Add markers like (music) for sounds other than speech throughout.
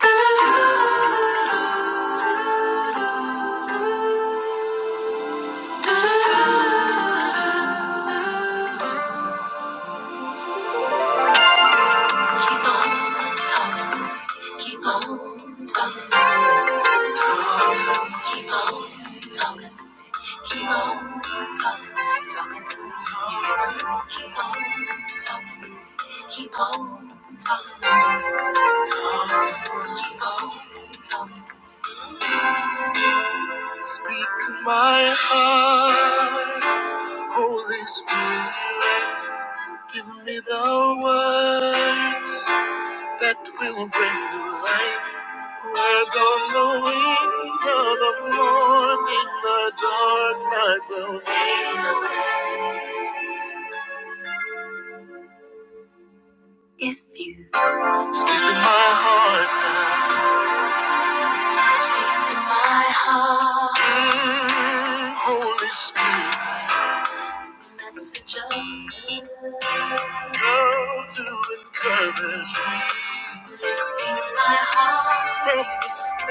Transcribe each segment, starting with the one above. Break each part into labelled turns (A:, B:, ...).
A: Talking, keep on talking, talking to me. Talking, talking, keep on. Speak to my heart, Holy Spirit. Give me the words that will bring to life. Words on the wings of the morning, the dark night will fade away. If you speak to my heart now, speak to my heart, Mm, Holy Spirit, message of love, love to encourage me, lifting my heart from despair.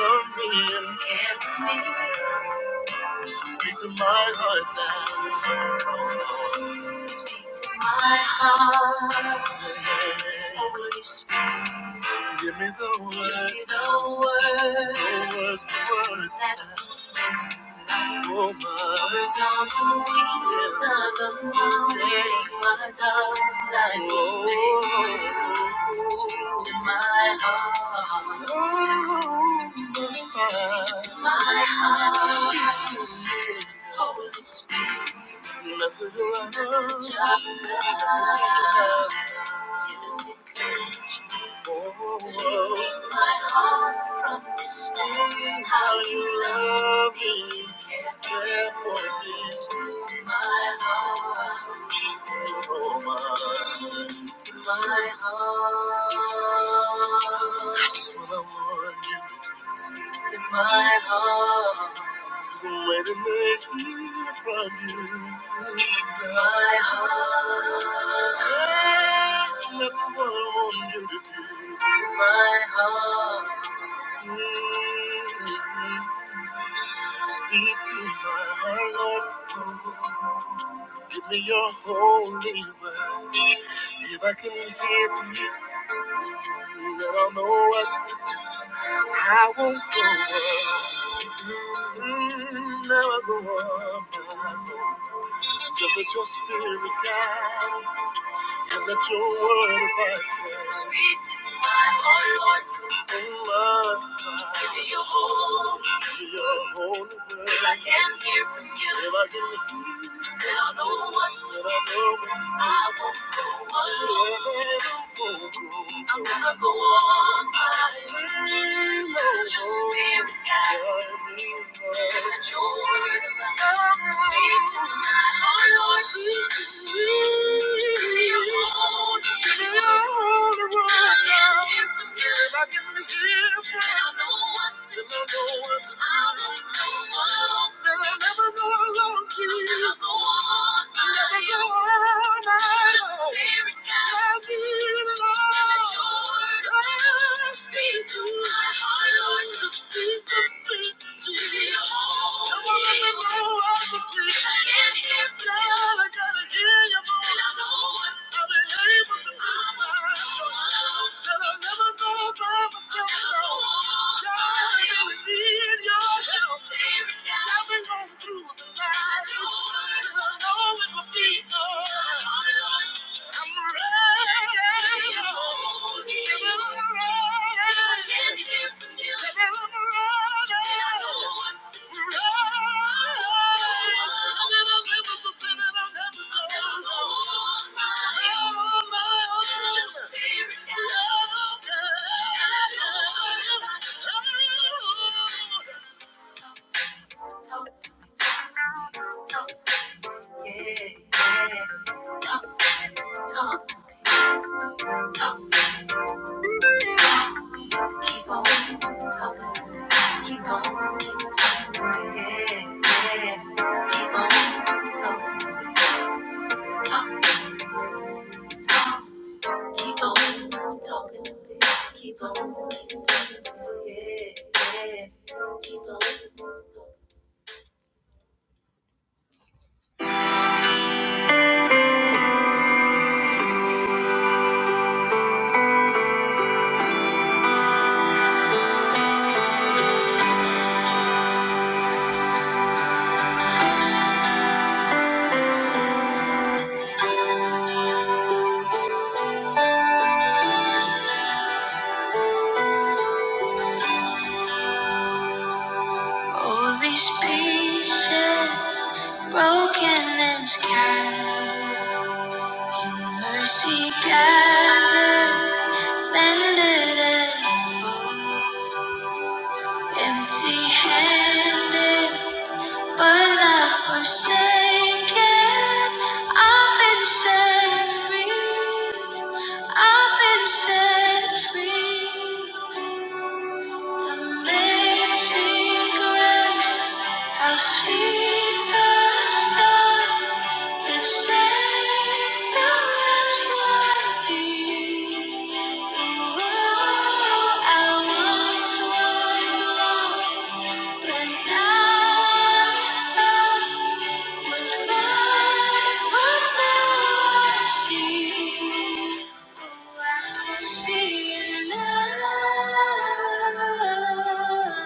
A: Love me and care for me. Speak to my heart now, speak to my heart. Holy Spirit. Give me the words. Give me the words. The words, the words. Oh, my. Words on the wings of the morning, My love lies oh. within. Speak to my heart. Oh, my. Speak to my heart. Speak to me. Holy Spirit. Message of love. Message of love. Message of love. Oh, oh. my heart from despair. How you love me, care for me, sweet to my heart, oh my, to my heart. That's what I want you to do to my heart. So wait a minute from you. Speak to my heart. Ain't nothing what I want you to do to my heart. Mm, Speak to my heart, Lord. Give me your holy word. If I can hear from you, then I'll know what to do. I won't go on. Mm, never go on. Just let your spirit guide and let your word abide. Speak to my heart, Lord, and love. Give me your holy, give me your holy word. If I can't hear from you, if I can hear from you. I'm gonna go on fighting. Your spirit guides me. and Let your word speak to my heart, Lord. Give me a warning. Give me a warning. If I can't hear from you, I can hear from you, I know what to do. I know what to do. I'll never go alone. Said I'll never go alone. Never the one, never the one. Just a miracle. Never your word, never your will. You're holding me. Can't hear, can't see. I know I'm the one. Spirit. All these pieces. Broken and scattered, mercy gathered, mended and whole. Empty handed, but not forsaken. I've been set free. I've been set free. Amazing grace. I've seen the sun that sets around my feet. Oh, I once was lost, but now I found. Was blind, but now I see. I can see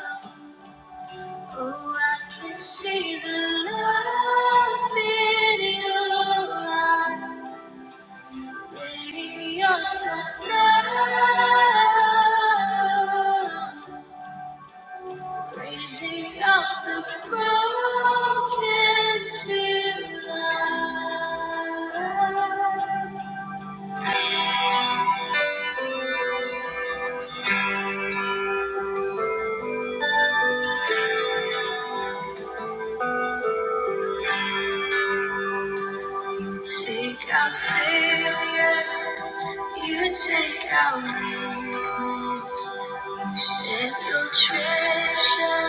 A: love. Oh, I can see the love in your eyes, baby. You're so down, raising up the broken to life. Speak our failure, you take our weakness. You set your treasure.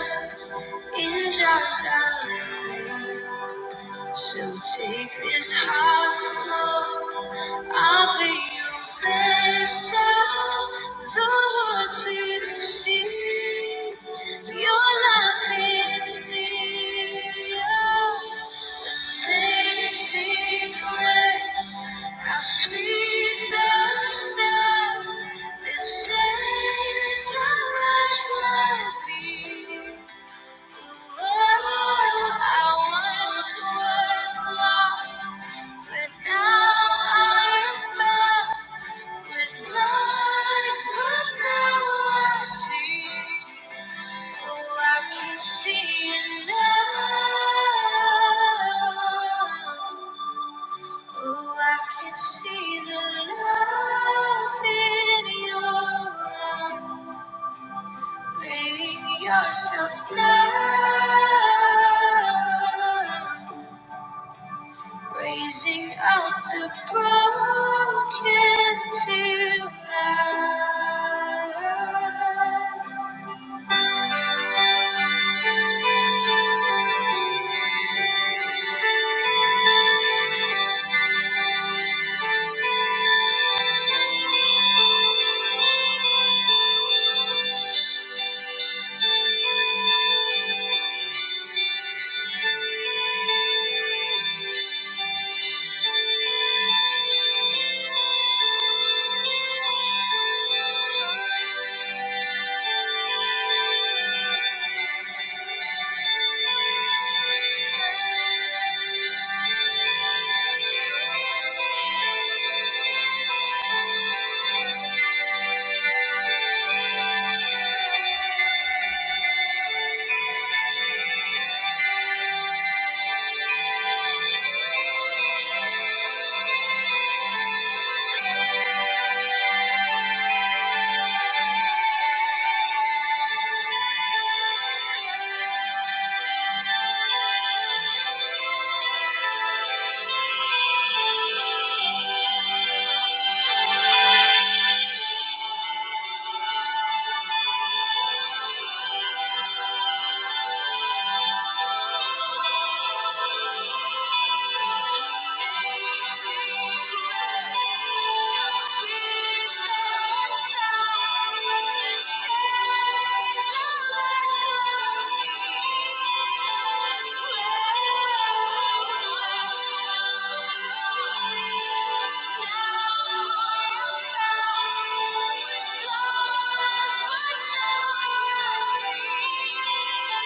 A: In jars of clay, so take this heart, Lord. I'll be your vessel, the water to see your love in me. Oh, Amazing grace, how sweet the sound that saved a wretch like me. See the love in your eyes. Laying yourself down. raising up the broken to life.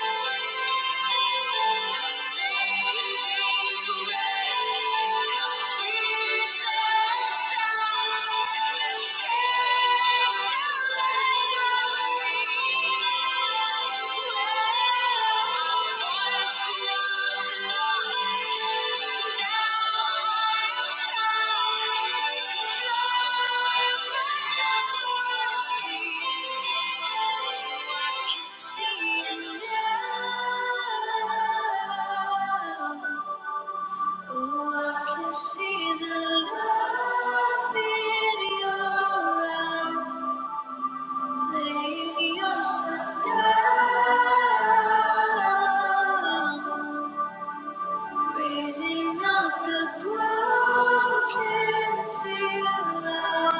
A: Thank you. Thank you. See the love in your eyes. Lay yourself down. Raising up the broken sea aloud.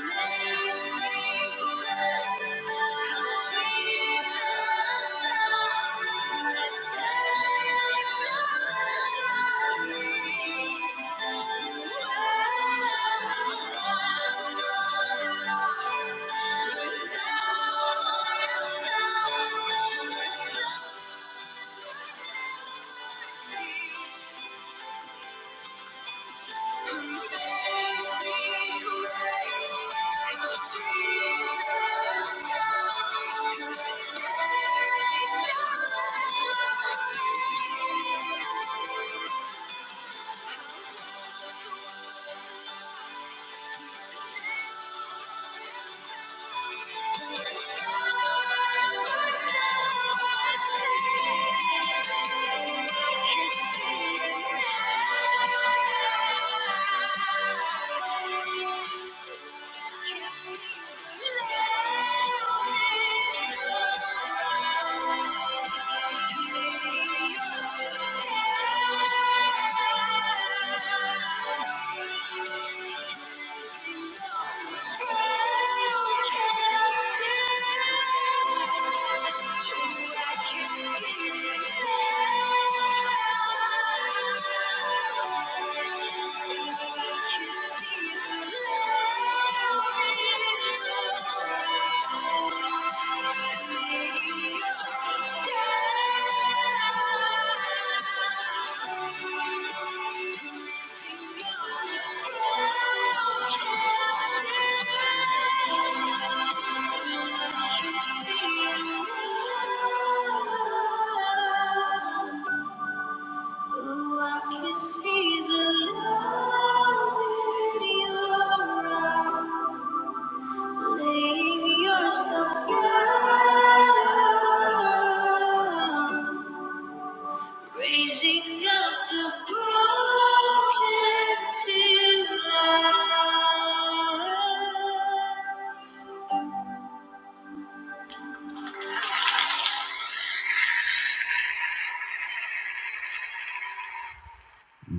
A: Amazing grace, how sweet the sound that saved a wretch like me. Who was lost, but now I'm found. Thank you. Thank you. Thank you. You See you. Oh, I can see the love in your eyes, laying yourself down, raising up the broken to life.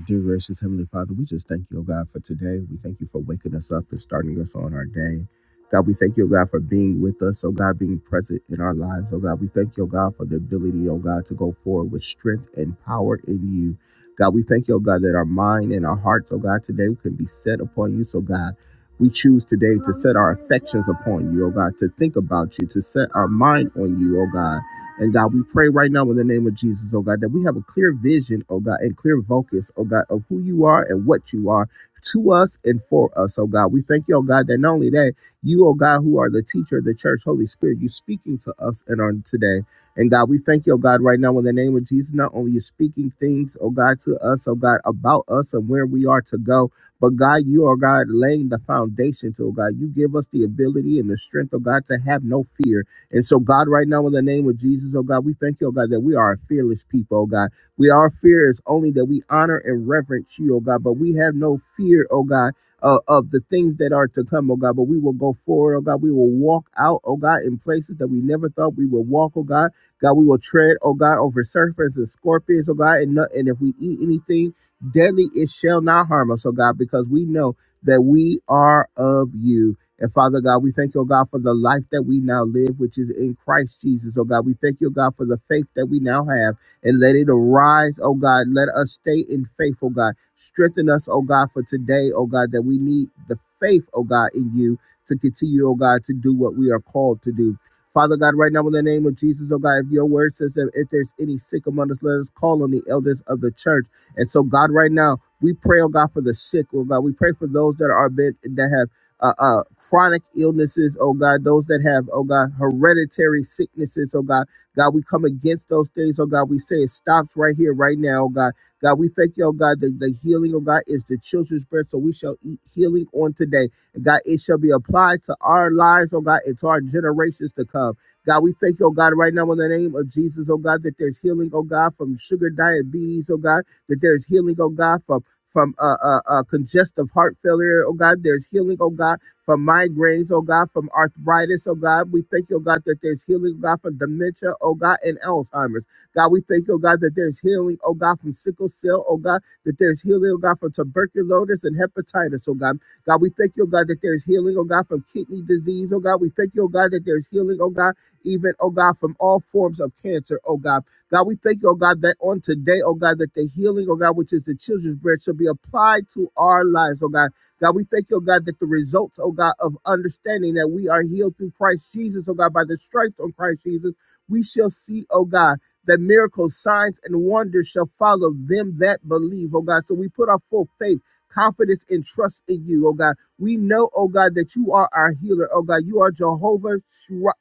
A: Dear gracious Heavenly Father, we just thank you, oh God, for today. We thank you for waking us up and starting us on our day. God, we thank you, oh God, for being with us, oh God, being present in our lives, oh God. We thank you, oh God, for the ability, oh God, to go forward with strength and power in you. God, we thank you, oh God, that our mind and our hearts, oh God, today can be set upon you. So, God, we choose today to set our affections upon you, oh God, to think about you, to set our mind on you, oh God. And God, we pray right now in the name of Jesus, oh God, that we have a clear vision, oh God, and clear focus, oh God, of who you are and what you are to us and for us, oh God. We thank you, oh God, that not only that, you, oh God, who are the teacher of the church, Holy Spirit, you speaking to us and on today. And God, we thank you, oh God, right now in the name of Jesus, not only you speaking things, oh God, to us, oh God, about us and where we are to go, but God, you are God laying the foundation to, oh God. You give us the ability and the strength, oh God, to have no fear. And so, God, right now, in the name of Jesus, oh God, we thank you, oh God, that we are a fearless people, oh God. We are fearless only that we honor and reverence you, oh God, but we have no fear, oh God, uh, of the things that are to come, oh God, but we will go forward, oh God. We will walk out, oh God, in places that we never thought we would walk, oh God. God, we will tread, oh God, over serpents and scorpions, oh God, and, no, and if we eat anything deadly, it shall not harm us, oh God, because we know that we are of you. And Father God, we thank you, oh God, for the life that we now live, which is in Christ Jesus. Oh God, we thank you, oh God, for the faith that we now have. And let it arise, oh God. Let us stay in faith, oh God. Strengthen us, oh God, for today, oh God, that we need the faith, oh God, in you to continue, oh God, to do what we are called to do. Father God, right now in the name of Jesus, oh God, if your word says that if there's any sick among us, let us call on the elders of the church. And so, God, right now, we pray, oh God, for the sick, oh God. We pray for those that are been, that have uh, uh, chronic illnesses, oh God, those that have, oh God, hereditary sicknesses, oh God. God, we come against those things, oh God. We say it stops right here, right now, oh God. God, we thank you, oh God, that the healing, oh God, is the children's bread, so we shall eat healing on today. And God, it shall be applied to our lives, oh God, and to our generations to come. God, we thank you, oh God, right now in the name of Jesus, oh God, that there's healing, oh God, from sugar diabetes, oh God, that there's healing, oh God, from from uh, uh, uh, congestive heart failure, oh God. There's healing, oh God, from migraines, oh God, from arthritis, oh God. We thank you, oh God, that there's healing, oh God, from dementia, oh God, and Alzheimer's. God, we thank you, oh God, that there's healing, oh God, from sickle cell, oh God, that there's healing, oh God, from tuberculosis and hepatitis, oh God. God, we thank you, oh God, that there's healing, oh God, from kidney disease, oh God. We thank you, oh God, that there's healing, oh God, even, oh God, from all forms of cancer, oh God. God, we thank you, oh God, that on today, oh God, that the healing, oh God, which is the children's bread, shall be applied to our lives, oh God. God, we thank you, oh God, that the results, oh God, of understanding that we are healed through Christ Jesus, oh God, by the stripes on Christ Jesus, we shall see, oh God, that miracles, signs, and wonders shall follow them that believe, oh God. So we put our full faith, confidence, and trust in you, oh God. We know, oh God, that you are our healer, oh God. You are Jehovah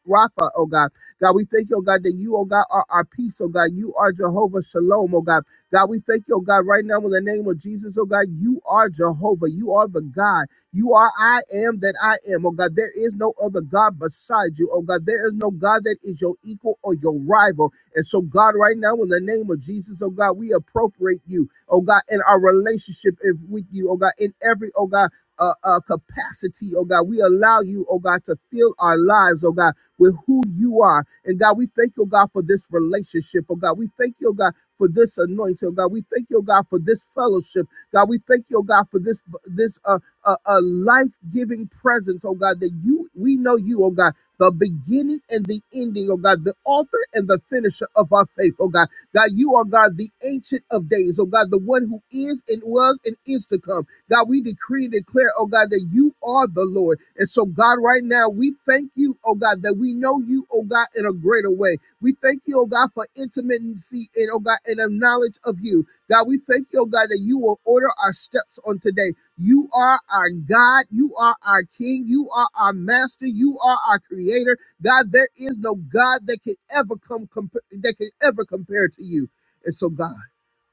A: Rapha, oh God. God, we thank you, oh God, that you, oh God, are our peace, oh God. You are Jehovah Shalom, oh God. God, we thank you, oh God, right now in the name of Jesus, oh God, you are Jehovah. You are the God. You are I am that I am, oh God. There is no other God beside you, oh God. There is no God that is your equal or your rival. And so, God, right now in the name of Jesus, oh God, we appropriate you, oh God, in our relationship with you, oh God, in every, oh God, uh, uh, capacity, oh God. We allow you, oh God, to fill our lives, oh God, with who you are. And God, we thank you, God, for this relationship. Oh God, we thank you, God, for this anointing. Oh God, we thank you, God, for this fellowship. God, we thank you, God, for this this uh, uh, uh life-giving presence. Oh God, that you we know you. Oh God, the beginning and the ending. Oh God, the author and the finisher of our faith. Oh God, God, you are God, the ancient of days. Oh God, the one who is and was and is to come. God, we decree and declare, oh God, that you are the Lord. And so, God, right now, we thank you, oh God, that we know you, oh God, in a greater way. We thank you, oh God, for intimacy and, oh God, and a knowledge of you. God, we thank you, oh God, that you will order our steps on today. You are our God. You are our King. You are our Master. You are our Creator. God, there is no God that can ever come comp- that can ever compare to you. And so, God.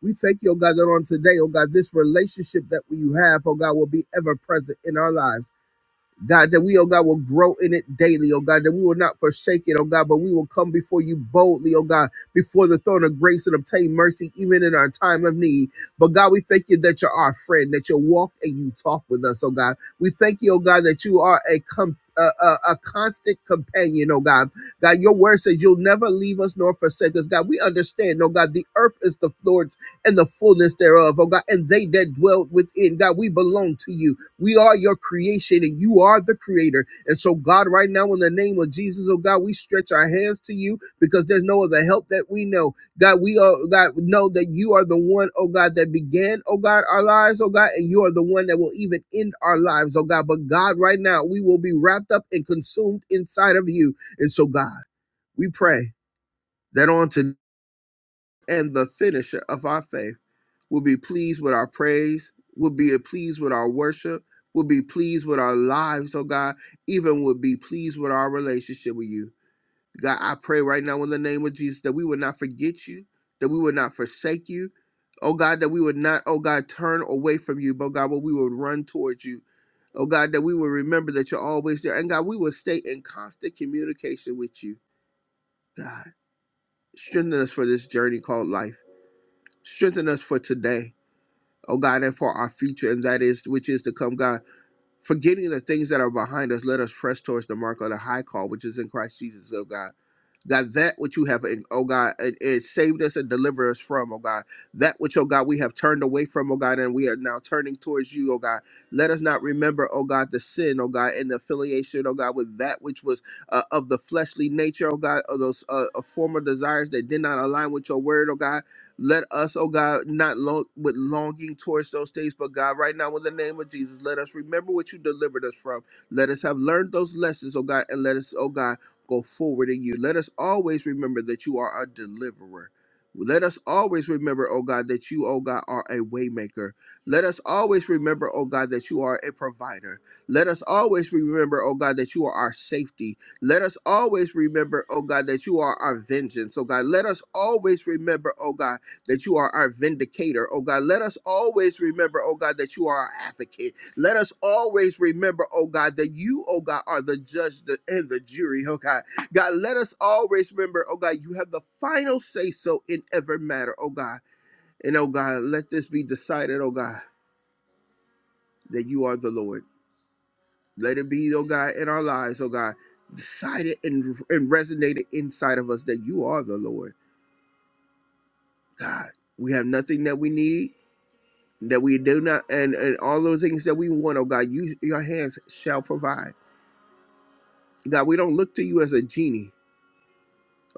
A: We thank you, oh God, that on today, oh God, this relationship that we have, oh God, will be ever present in our lives. God, that we, oh God, will grow in it daily, oh God, that we will not forsake it, oh God, but we will come before you boldly, oh God, before the throne of grace and obtain mercy even in our time of need. But God, we thank you that you're our friend, that you walk and you talk with us, oh God. We thank you, oh God, that you are a com- a, a, a constant companion, oh God. God, your word says you'll never leave us nor forsake us. God, we understand, oh God, the earth is the Lord's and the fullness thereof, oh God, and they that dwell within. God, we belong to you. We are your creation and you are the creator. And so, God, right now, in the name of Jesus, oh God, we stretch our hands to you because there's no other help that we know. God, we are, God, know that you are the one, oh God, that began, oh God, our lives, oh God, and you are the one that will even end our lives, oh God. But God, right now, we will be wrapped up and consumed inside of you. And so, God, we pray that on to and the finisher of our faith will be pleased with our praise, will be pleased with our worship, will be pleased with our lives, oh God, even will be pleased with our relationship with you. God, I pray right now in the name of Jesus that we would not forget you, that we would not forsake you. Oh God, that we would not, oh God, turn away from you, but God, but we would run towards you. Oh God, that we would remember that you're always there. And God, we would stay in constant communication with you. God, strengthen us for this journey called life. Strengthen us for today oh God, and for our future, and that is which is to come, God. Forgetting the things that are behind us, let us press towards the mark of the high call, which is in Christ Jesus, oh God. God, that which you have, oh God, it, it saved us and delivered us from, oh God. That which, oh God, we have turned away from, oh God, and we are now turning towards you, oh God. Let us not remember, oh God, the sin, oh God, and the affiliation, oh God, with that which was uh, of the fleshly nature, oh God, of those uh, uh, former desires that did not align with your word, oh God. Let us, oh God, not long with longing towards those things, but God, right now, in the name of Jesus, let us remember what you delivered us from. Let us have learned those lessons, oh God, and let us, oh God, go forward in you. Let us always remember that you are our deliverer. Let us always remember, oh God, that you, oh God, are a waymaker. Let us always remember, oh God, that you are a provider. Let us always remember, oh God, that you are our safety. Let us always remember, oh God, that you are our vengeance. Oh God, let us always remember, oh God that you are our vindicator. Oh God, let us always remember, oh God, that you are our advocate. Let us always remember, oh God, that you, oh God, are the judge the- and the jury, oh God. God, let us always remember, oh God, you have the final say so in every matter, oh God. And oh God, let this be decided, oh God, that you are the Lord. Let it be, oh God, in our lives, oh God, decided and, and resonated inside of us that you are the Lord. God, we have nothing that we need that we do not and, and all those things that we want, oh God, you your hands shall provide. God, we don't look to you as a genie.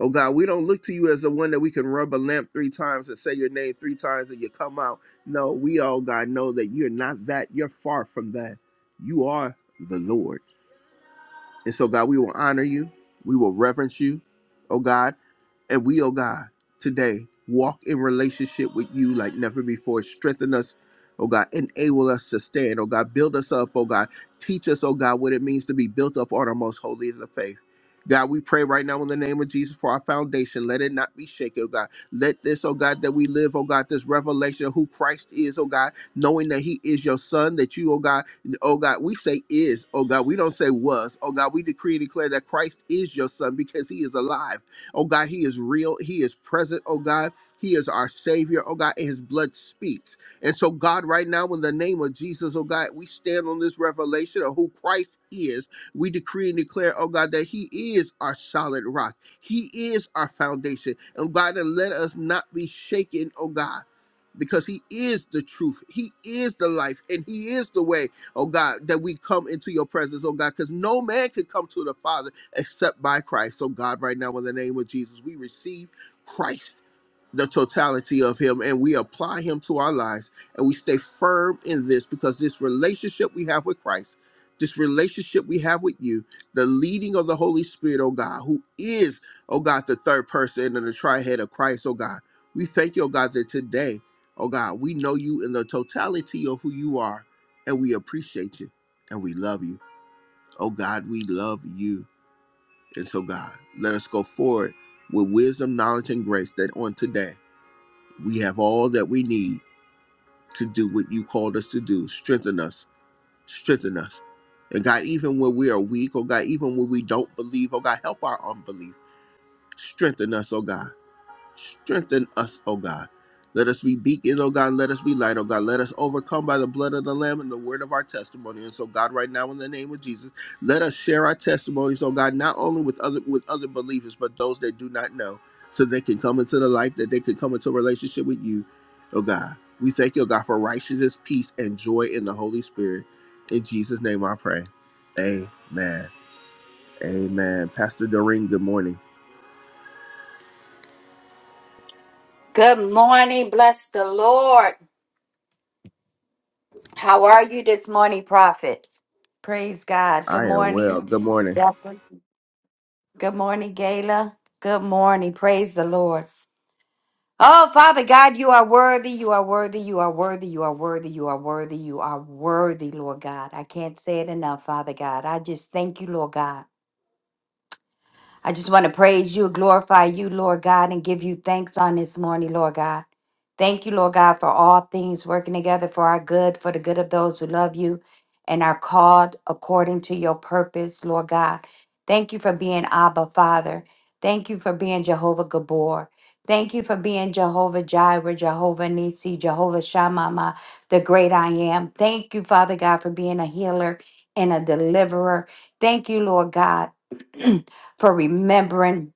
A: Oh God, we don't look to you as the one that we can rub a lamp three times and say your name three times and you come out. No, we all God know that you're not that. You're far from that. You are the Lord. And so, God, we will honor you. We will reverence you, oh God. And we, oh God, today walk in relationship with you like never before. Strengthen us, oh God. Enable us to stand, oh God. Build us up, oh God. Teach us, oh God, what it means to be built up on our most holy of the faith. God, we pray right now in the name of Jesus for our foundation. Let it not be shaken, oh God. Let this, oh God, that we live, oh God, this revelation of who Christ is, oh God knowing that He is your Son, that you, oh God, oh God, we say is, oh God, we don't say was, oh God, we decree and declare that Christ is your Son because He is alive, oh God, He is real, He is present, oh God, He is our Savior, oh God, and His blood speaks. And so, God, right now, in the name of Jesus, oh God, we stand on this revelation of who Christ is. We decree and declare, oh God, that He is our solid rock. He is our foundation. And God, and let us not be shaken, oh God because he is the truth he is the life and he is the way oh god that we come into your presence oh god because no man can come to the father except by christ so god right now in the name of jesus we receive christ the totality of him and we apply him to our lives and we stay firm in this because this relationship we have with Christ, this relationship we have with you, the leading of the Holy Spirit, oh God, who is, oh God, the third person in the trihead of Christ, oh God. We thank you, oh God, that today, oh God, we know you in the totality of who you are and we appreciate you and we love you. Oh God, we love you. And so, God, let us go forward with wisdom, knowledge, and grace that on today. We have all that we need to do what you called us to do. Strengthen us. Strengthen us. And God, even when we are weak, oh God, even when we don't believe, oh God, help our unbelief. Strengthen us, oh God. Strengthen us, O God. Let us be beacons, O God. Let us be light, O God. Let us overcome by the blood of the Lamb and the word of our testimony. And so, God, right now, in the name of Jesus, let us share our testimonies, O God, not only with other with other believers, but those that do not know, so they can come into the light, that they can come into a relationship with you, O God. We thank you, O God, for righteousness, peace, and joy in the Holy Spirit. In Jesus' name I pray. Amen. Amen. Pastor Doreen, good morning.
B: Good morning. Bless the Lord. How are you this morning, Prophet? Praise God. Good
A: I am
B: morning.
A: well. Good morning.
B: Jacqueline. Good morning, Gayla. Good morning. Praise the Lord. Oh, Father God, you are worthy. You are worthy. You are worthy. You are worthy. You are worthy. You are worthy, Lord God. I can't say it enough, Father God. I just thank you, Lord God. I just want to praise you, glorify you, Lord God, and give you thanks on this morning, Lord God. Thank you, Lord God, for all things working together for our good, for the good of those who love you and are called according to your purpose, Lord God. Thank you for being Abba, Father. Thank you for being Jehovah Gabor. Thank you for being Jehovah Jireh, Jehovah Nisi, Jehovah Shammah, the great I am. Thank you, Father God, for being a healer and a deliverer. Thank you, Lord God. (clears throat) for remembering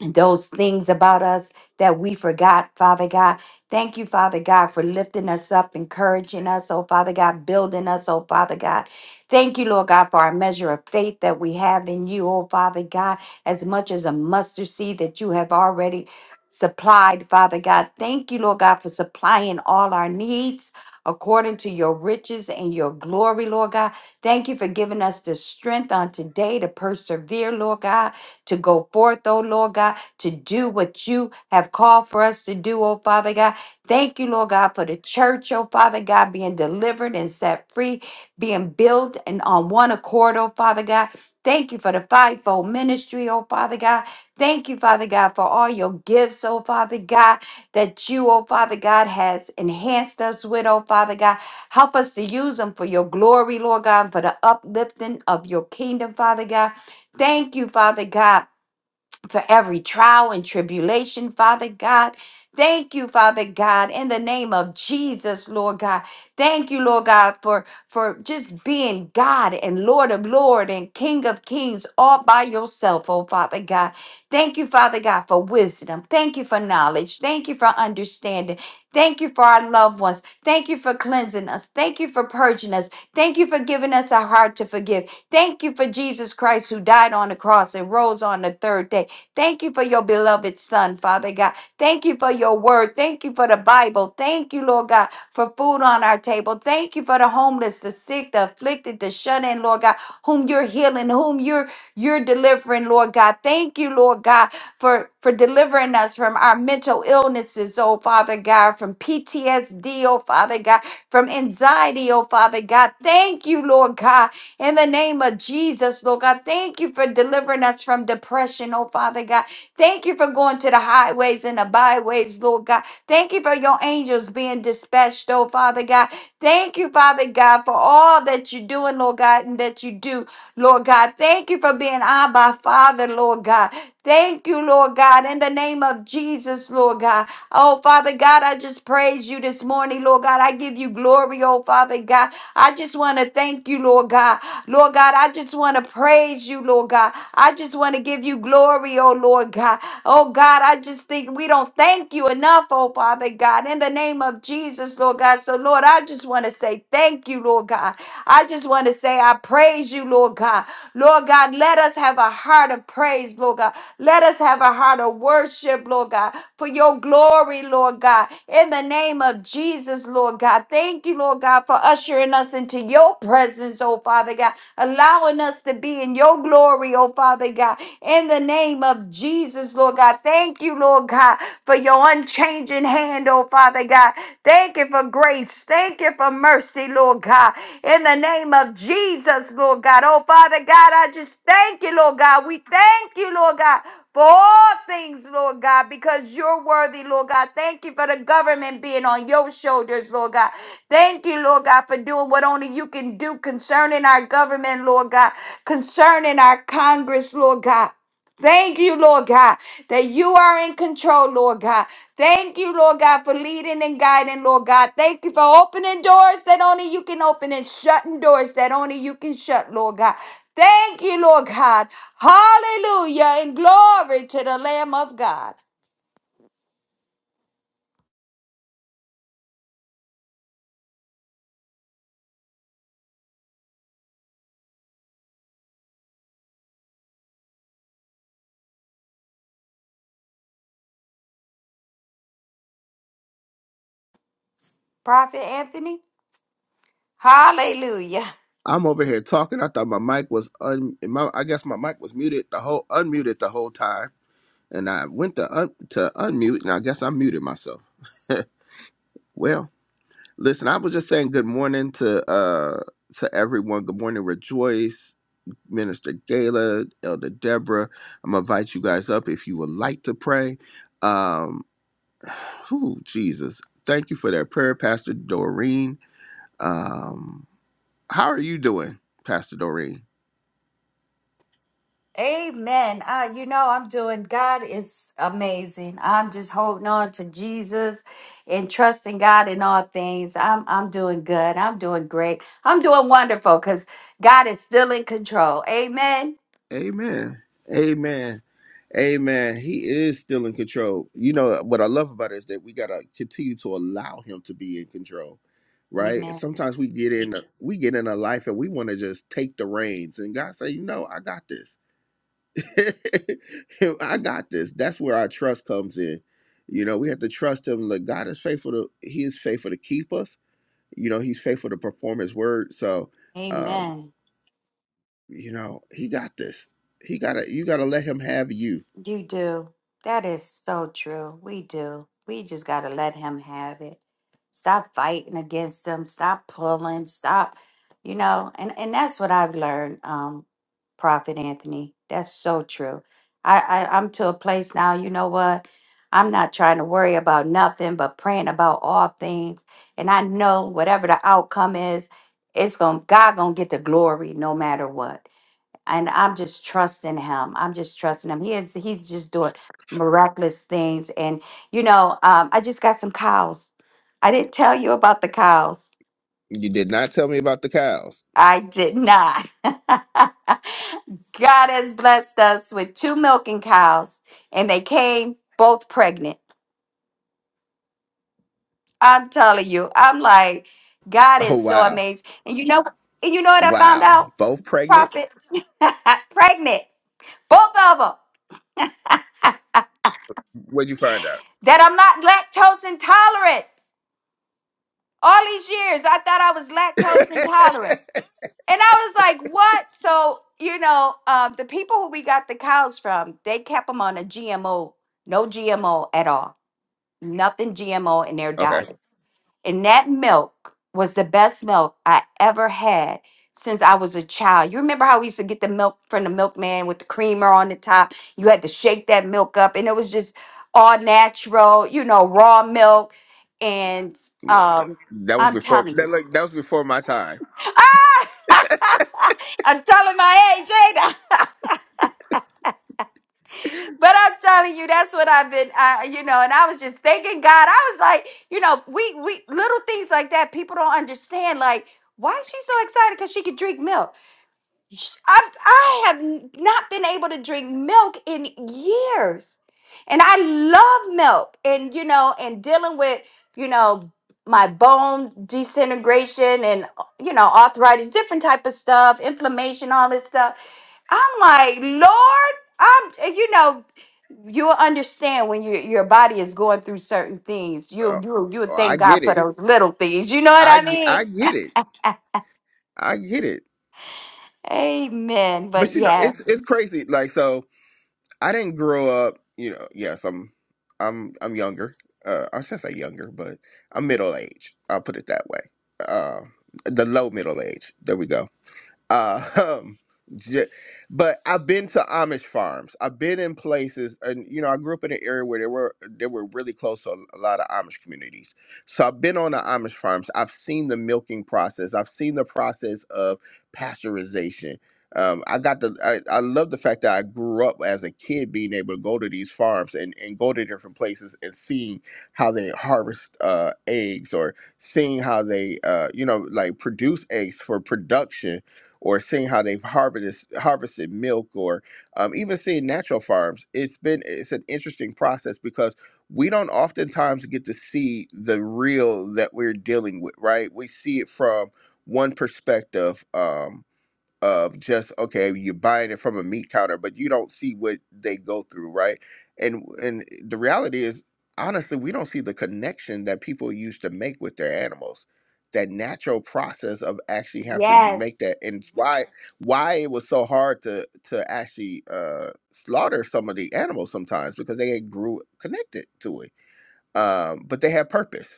B: those things about us that we forgot, Father God. Thank you, Father God, for lifting us up, encouraging us, oh Father God, building us, oh Father God. Thank you, Lord God, for our measure of faith that we have in you, oh Father God, as much as a mustard seed that you have already supplied, Father God. Thank you, Lord God, for supplying all our needs according to your riches and your glory, Lord God. Thank you for giving us the strength on today to persevere, Lord God to go forth, oh Lord God, to do what you have called for us to do, oh Father God. Thank you, Lord God, for the church, oh Father God, being delivered and set free, being built and on one accord, oh Father God. Thank you for the fivefold ministry, oh Father God. Thank you, Father God, for all your gifts, oh Father God, that you, oh Father God, has enhanced us with, oh Father God. Help us to use them for your glory, Lord God, and for the uplifting of your kingdom, Father God. Thank you, Father God for every trial and tribulation, Father God. Thank you, Father God, in the name of Jesus, Lord God. Thank you, Lord God, for, for just being God and Lord of Lord and King of Kings all by yourself, oh Father God. Thank you, Father God, for wisdom. Thank you for knowledge. Thank you for understanding. Thank you for our loved ones. Thank you for cleansing us. Thank you for purging us. Thank you for giving us a heart to forgive. Thank you for Jesus Christ who died on the cross and rose on the third day. Thank you for your beloved Son, Father God. Thank you for your word. Thank you for the Bible. Thank you, Lord God, for food on our table. Thank you for the homeless, the sick, the afflicted, the shut in, Lord God, whom you're healing, whom you're you're delivering, Lord God. Thank you, Lord God, for, for delivering us from our mental illnesses, oh Father God, from PTSD, oh Father God, from anxiety, oh Father God. Thank you, Lord God, in the name of Jesus, Lord God. Thank you for delivering us from depression, oh Father God. Thank you for going to the highways and the byways, Lord God. Thank you for your angels being dispatched, oh Father God. Thank you, Father God, for all that that you're doing, Lord God, and that you do, Lord God. Thank you for being Abba Father, Lord God. Thank you, Lord God, in the name of Jesus, Lord God. Oh, Father God, I just praise you this morning, Lord God. I give you glory, oh, Father God. I just want to thank you, Lord God. Lord God, I just want to praise you, Lord God. I just want to give you glory, oh, Lord God. Oh, God, I just think we don't thank you enough, oh, Father God, in the name of Jesus. Jesus, Lord God. So, Lord, I just want to say thank you, Lord God. I just want to say I praise you, Lord God. Lord God, let us have a heart of praise, Lord God. Let us have a heart of worship, Lord God, for your glory, Lord God. In the name of Jesus, Lord God. Thank you, Lord God, for ushering us into your presence, oh Father God, allowing us to be in your glory, oh Father God. In the name of Jesus, Lord God. Thank you, Lord God for your unchanging hand, oh Father God. Thank you for grace. Thank you for mercy, Lord God. In the name of Jesus, Lord God. Oh Father God, I just thank you, Lord God. We thank you, Lord God. For all things, Lord God, because you're worthy, Lord God. Thank you for the government being on your shoulders, Lord God. Thank you, Lord God, for doing what only you can do concerning our government, Lord God, concerning our Congress, Lord God. Thank you, Lord God, that you are in control, Lord God. Thank you, Lord God, for leading and guiding, Lord God. Thank you for opening doors that only you can open and shutting doors that only you can shut, Lord God. Thank you, Lord God. Hallelujah and glory to the Lamb of God. Prophet Anthony, hallelujah.
A: I'm over here talking. I thought my mic was un. My, I guess my mic was muted the whole unmuted the whole time, and I went to un, to unmute, and I guess I muted myself. (laughs) well, listen, I was just saying good morning to uh to everyone. Good morning, Rejoice, Minister Gala, Elder Deborah. I'm gonna invite you guys up if you would like to pray. Um, (sighs) whew, Jesus, thank you for that prayer, Pastor Doreen. Um, how are you doing, Pastor Doreen?
B: Amen. Uh, you know, I'm doing, God is amazing. I'm just holding on to Jesus and trusting God in all things. I'm, I'm doing good. I'm doing great. I'm doing wonderful because God is still in control. Amen.
A: Amen. Amen. Amen. He is still in control. You know what I love about it is that we gotta continue to allow him to be in control. Right?
B: Amen.
A: Sometimes we get in a, we get in a life and we want to just take the reins and God say, you know, I got this. (laughs) I got this. That's where our trust comes in. You know, we have to trust him. Look, God is faithful to he is faithful to keep us. You know, he's faithful to perform his word. So um,
B: Amen.
A: you know, he got this. He gotta you gotta let him have you.
B: You do. That is so true. We do. We just got to let him have it. Stop fighting against him. Stop pulling. Stop, you know, and, and that's what I've learned, um, Prophet Anthony. That's so true. I, I, I'm to a place now, you know what? I'm not trying to worry about nothing but praying about all things. And I know whatever the outcome is, it's going to God gonna get the glory no matter what and I'm just trusting him. I'm just trusting him. He is he's just doing miraculous things. And you know, um, I just got some cows. I didn't tell you about the cows.
A: You did not tell me about the cows.
B: I did not. (laughs) God has blessed us with two milking cows, and they came both pregnant. I'm telling you, I'm like, God
A: Oh
B: is so
A: wow.
B: amazing. And you know, and you know what I found
A: Wow.
B: out,
A: Both pregnant?
B: Prophet? (laughs) pregnant, both of them.
A: What'd you find
B: That I'm not lactose intolerant. all these years i thought i was lactose
A: out?
B: intolerant and i was like what so you know um, the people who we got the cows from they kept them on a gmo no gmo at all nothing gmo in their
A: (laughs) okay.
B: diet and that milk was the best milk i ever had since i was a child you remember how we used to get the milk from the milkman with the creamer on the top you had to shake that milk up and it was just all natural you know raw milk and
A: No,
B: um,
A: That was
B: i'm
A: before
B: telling you
A: that like that was before my time.
B: (laughs) I'm telling my age, ain't I? (laughs) but I'm telling you, that's what I've been, uh, you know. And I was just thanking God. I was like, you know, we we little things like that. People don't understand. Like, why is she so excited? Because she could drink milk sh- I, I have n- not been able to drink milk in years. And I love milk. And, you know, and dealing with, you know, my bone disintegration and, uh, you know, arthritis, different type of stuff, inflammation, all this stuff. I'm like, Lord, I'm, and you know, you'll understand when your your body is going through certain things. You,
A: Oh,
B: you, you would
A: oh, I
B: thank God
A: get
B: for
A: it.
B: those little things. You know what
A: I
B: I
A: ge- I
B: mean?
A: get it.
B: (laughs)
A: I get it.
B: Amen. But
A: But you know, it's
B: yes,
A: it's crazy. Like so I didn't grow up, you know, yes, I'm I'm I'm younger. Uh I should say younger, but I'm middle age. I'll put it that way. Uh the low middle age. There we go. Uh, (laughs) um, j- but I've been to Amish farms. I've been in places, and you know, I grew up in an area where they were they were really close to a a lot of Amish communities. So I've been on the Amish farms. I've seen the milking process. I've seen the process of pasteurization. Um, I got the I, I love the fact that I grew up as a kid being able to go to these farms and, and go to different places and seeing how they harvest uh, eggs or seeing how they uh, you know like produce eggs for production or seeing how they've harvested harvested milk or um, even seeing natural farms it's been it's an interesting process because we don't oftentimes get to see the real that we're dealing with right we see it from one perspective um, of just okay you're buying it from a meat counter but you don't see what they go through right and and the reality is honestly we don't see the connection that people used to make with their animals that natural process of actually have to
B: yes.
A: make that and why why it was so hard to to actually uh slaughter some of the animals sometimes because they grew connected to it um but they had purpose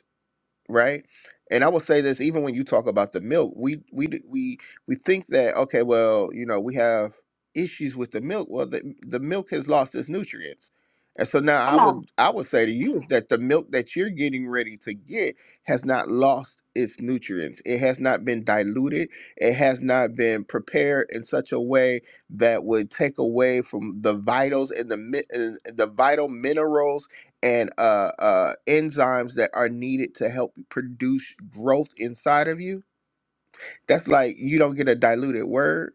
A: right? And I will say this, even when you talk about the milk, we we d- we we think that okay, well, you know, we have issues with the milk. Well, the the milk has lost its nutrients, and so now I
B: Come on.
A: would I would say to you is that the milk that you're getting ready to get has not lost its nutrients. It has not been diluted. It has not been prepared in such a way that would take away from the vitals and the mi- and the vital minerals and uh, uh, enzymes that are needed to help produce growth inside of you. That's like you don't get a diluted word.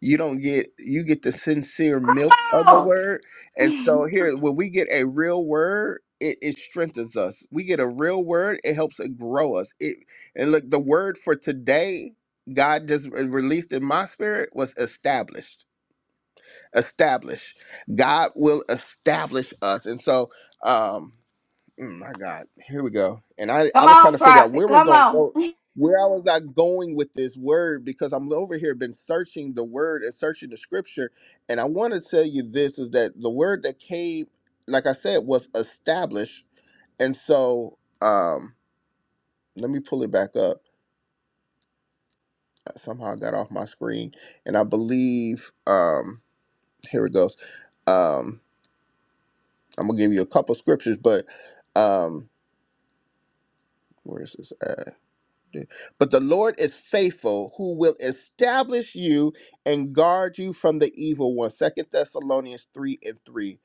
A: You don't get you get the sincere milk of the
B: Oh.
A: word. And so
B: (laughs)
A: here, when we get a real word, it, it strengthens us. We get a real word, it helps it grow us. It and look, the word for today, God just re- released in my spirit was established. Established. God will establish us. And so um Mm, my God, here we go. And I, I
B: Come
A: was trying
B: on,
A: to figure out
B: prophet.
A: where was
B: Come
A: going to
B: on.
A: go,
B: (laughs) Come
A: where I was I going with this word because I'm over here been searching the word and searching the scripture, and I want to tell you this is that the word that came, like I said, was established, and so um, let me pull it back up. Uh, Somehow I got off my screen, and I believe um, here it goes. Um, I'm gonna give you a couple scriptures, but um, where is this? But the Lord is faithful, who will establish you and guard you from the evil one. Second Thessalonians 3 and 3.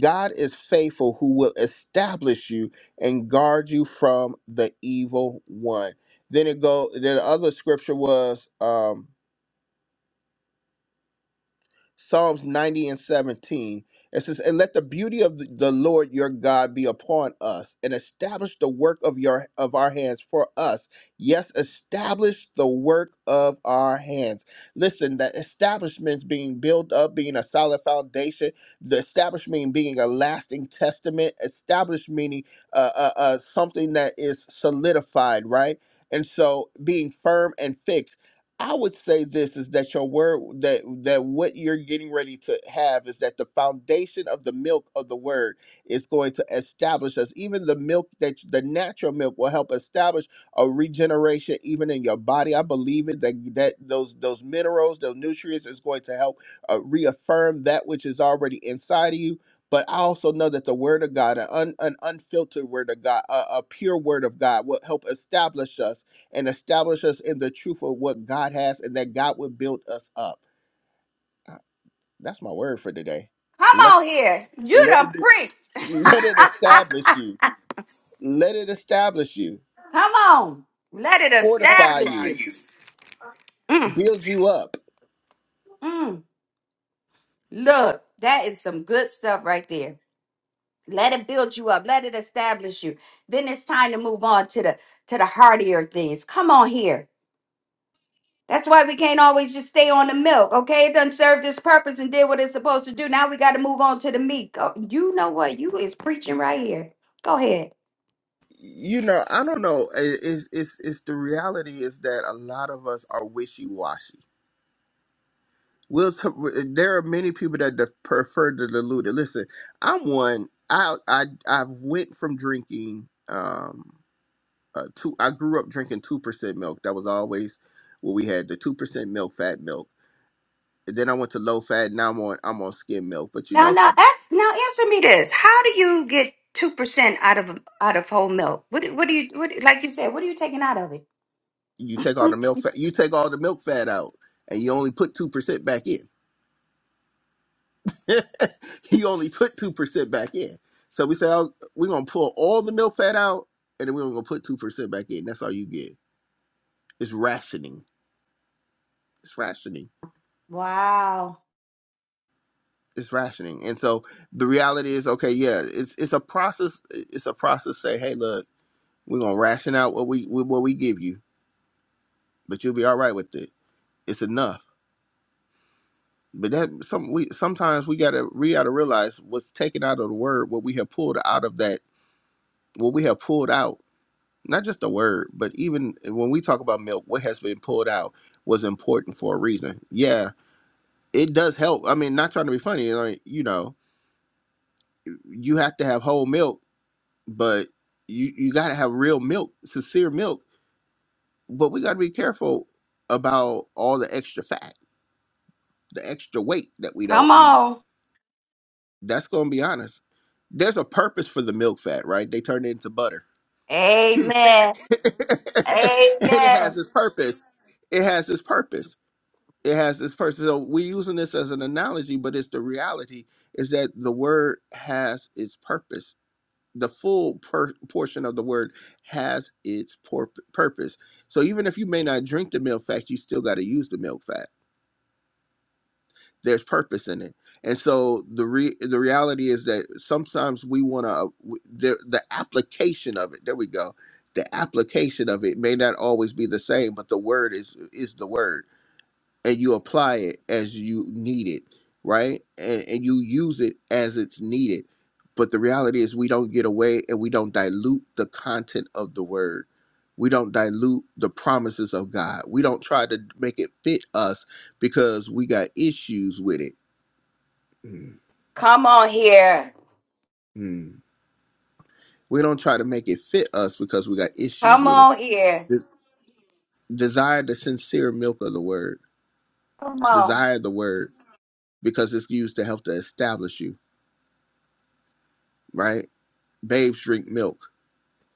A: God is faithful, who will establish you and guard you from the evil one. Then it go. Then the other scripture was. um. Psalms 90 and 17. It says, And let the beauty of the the Lord your God be upon us, and establish the work of your of our hands for us. Yes, establish the work of our hands. Listen, that establishment's being built up, being a solid foundation, the establishment being a lasting testament, established meaning uh, uh, uh, something that is solidified, right? And so being firm and fixed. I would say this is that your word that that what you're getting ready to have is that the foundation of the milk of the word is going to establish us. Even the milk that the natural milk will help establish a regeneration even in your body. I believe it that that those those minerals, those nutrients is going to help uh, reaffirm that which is already inside of you. But I also know that the word of God, an, un, an unfiltered word of God, a, a pure word of God, will help establish us and establish us in the truth of what God has and that God would build us up. Uh, That's my word for today. Let
B: on here. You
A: let it
B: the
A: be
B: preach.
A: let it establish you. Let it establish you.
B: Come on. Let it
A: Fortify
B: establish
A: you.
B: you. Mm,
A: Build you up.
B: mm. Look, that is some good stuff right there. Let it build you up. Let it establish you. Then it's time to move on to the to the heartier things. Come on here. That's why we can't always just stay on the milk. Okay, it done served its purpose and did what it's supposed to do. Now we got to move on to the meat. Go- You know what? You is preaching right here. Go ahead.
A: You know, I don't know. I- It's it's it's the reality is that a lot of us are wishy washy. We'll t- there are many people that de- prefer to dilute it. Listen, I'm one. I I I've went from drinking. Um, uh, two. I grew up drinking two percent milk. That was always what we had. The two percent milk, fat milk. And then I went to low fat. Now I'm on I'm on skim milk. But you
B: Now,
A: know,
B: now,
A: some-
B: ask, now answer me this: How do you get two percent out of out of whole milk? What do- what do you what? do- Like you said, what are you taking out of it?
A: you take all
B: (laughs)
A: the milk fat. You take all the milk fat out, and you only put two percent back in. (laughs) you only put two percent back in. So we said oh, we're gonna pull all the milk fat out, and then we're gonna put two percent back in. That's all you get. It's rationing. It's rationing.
B: Wow!
A: It's rationing. And so the reality is, okay, yeah, it's it's a process. It's a process. Say, hey, look. We're gonna ration out what we what we give you, but you'll be all right with it. It's enough. But that some we sometimes we gotta we gotta realize what's taken out of the word, what we have pulled out of that, what we have pulled out. Not just the word, but even when we talk about milk, what has been pulled out was important for a reason. Yeah, it does help. I mean, not trying to be funny, like you know, you have to have whole milk, but you you gotta have real milk, sincere milk. But we gotta be careful about all the extra fat the extra weight that we
B: Come
A: don't need.
B: on,
A: That's gonna be honest. There's a purpose for the milk fat, right? They turn it into butter. (laughs) and
B: Amen,
A: it
B: Amen.
A: has its purpose. It has its purpose. It has its purpose. So we're using this as an analogy, but it's the reality is that the word has its purpose. The full per- portion of the word has its por- purpose. So even if you may not drink the milk fat, you still got to use the milk fat there's purpose in it and so the re- the reality is that sometimes we want to the, the application of it there we go the application of it may not always be the same but the word is is the word and you apply it as you need it right and and you use it as it's needed but the reality is we don't get away and we don't dilute the content of the word we don't dilute the promises of god we don't try to make it fit us because we got issues with it Mm,
B: Come on here,
A: mm. We don't try to make it fit us because we got issues
B: come
A: with it.
B: on here,
A: De- desire the sincere milk of the word.
B: come on,
A: Desire the word because it's used to help to establish you, right? Babes drink milk.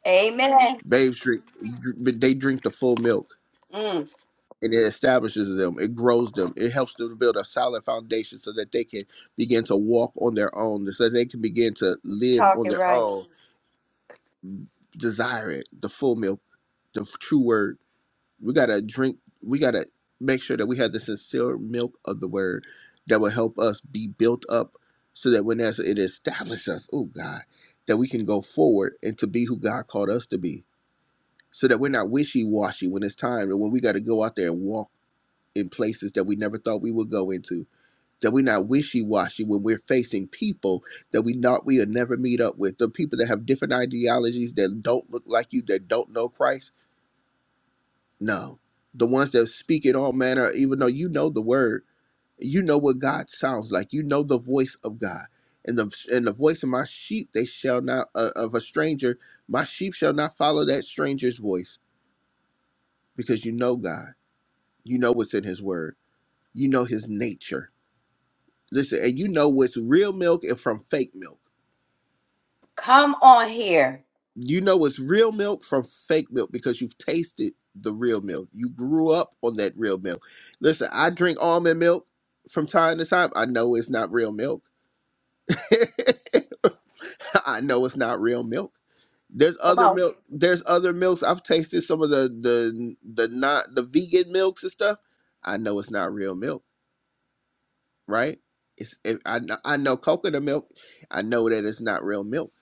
B: Amen.
A: Babes drink, dr- but they drink the full milk
B: Mm,
A: and it establishes them. It grows them. It helps them to build a solid foundation so that they can begin to walk on their own, so that they can begin to live on
B: talking
A: their
B: right.
A: own. Desire it, the full milk, the f- true word. we gotta drink we gotta make sure that we have the sincere milk of the word that will help us be built up so that when there's it establishes us oh god that we can go forward and to be who god called us to be so that we're not wishy-washy when it's time and when we got to go out there and walk in places that we never thought we would go into that we're not wishy-washy when we're facing people that we thought we would never meet up with the people that have different ideologies that don't look like you that don't know christ no. The ones that speak it all manner, even though you know the word, you know what God sounds like. You know the voice of God. And the and the voice of my sheep, they shall not uh, of a stranger, my sheep shall not follow that stranger's voice because you know God. You know what's in his word. You know his nature. Listen, and you know what's real milk and from fake milk.
B: Come on here.
A: you know it's real milk from fake milk because you've tasted the real milk. You grew up on that real milk. Listen, I drink almond milk from time to time. I know it's not real milk. (laughs) I know it's not real milk. There's
B: Come
A: other
B: on,
A: milk. There's other milks. I've tasted some of the the the not the vegan milks and stuff. I know it's not real milk, right? It's if I kn- I know coconut milk. I know that it's not real milk.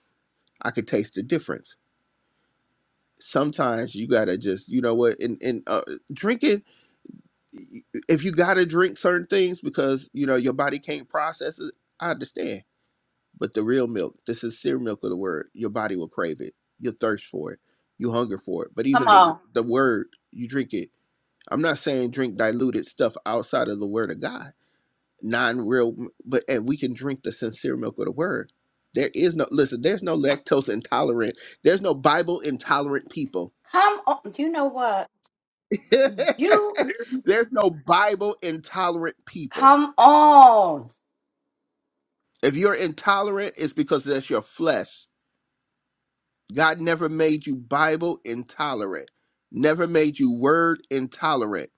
A: I could taste the difference. sometimes you gotta just you know what and and uh, drinking y- if you gotta drink certain things because you know your body can't process it i understand but the real milk the sincere milk of the word your body will crave it you'll thirst for it you hunger for it but
B: come
A: even the w-
B: on,
A: the word you drink it i'm not saying drink diluted stuff outside of the word of god non-real m- but and we can drink the sincere milk of the word there is no listen there's no lactose intolerant there's no bible intolerant people
B: come on. You know what? You
A: (laughs) There's no Bible intolerant people.
B: come on.
A: If you're intolerant, it's because that's your flesh. God never made you Bible intolerant, never made you word intolerant.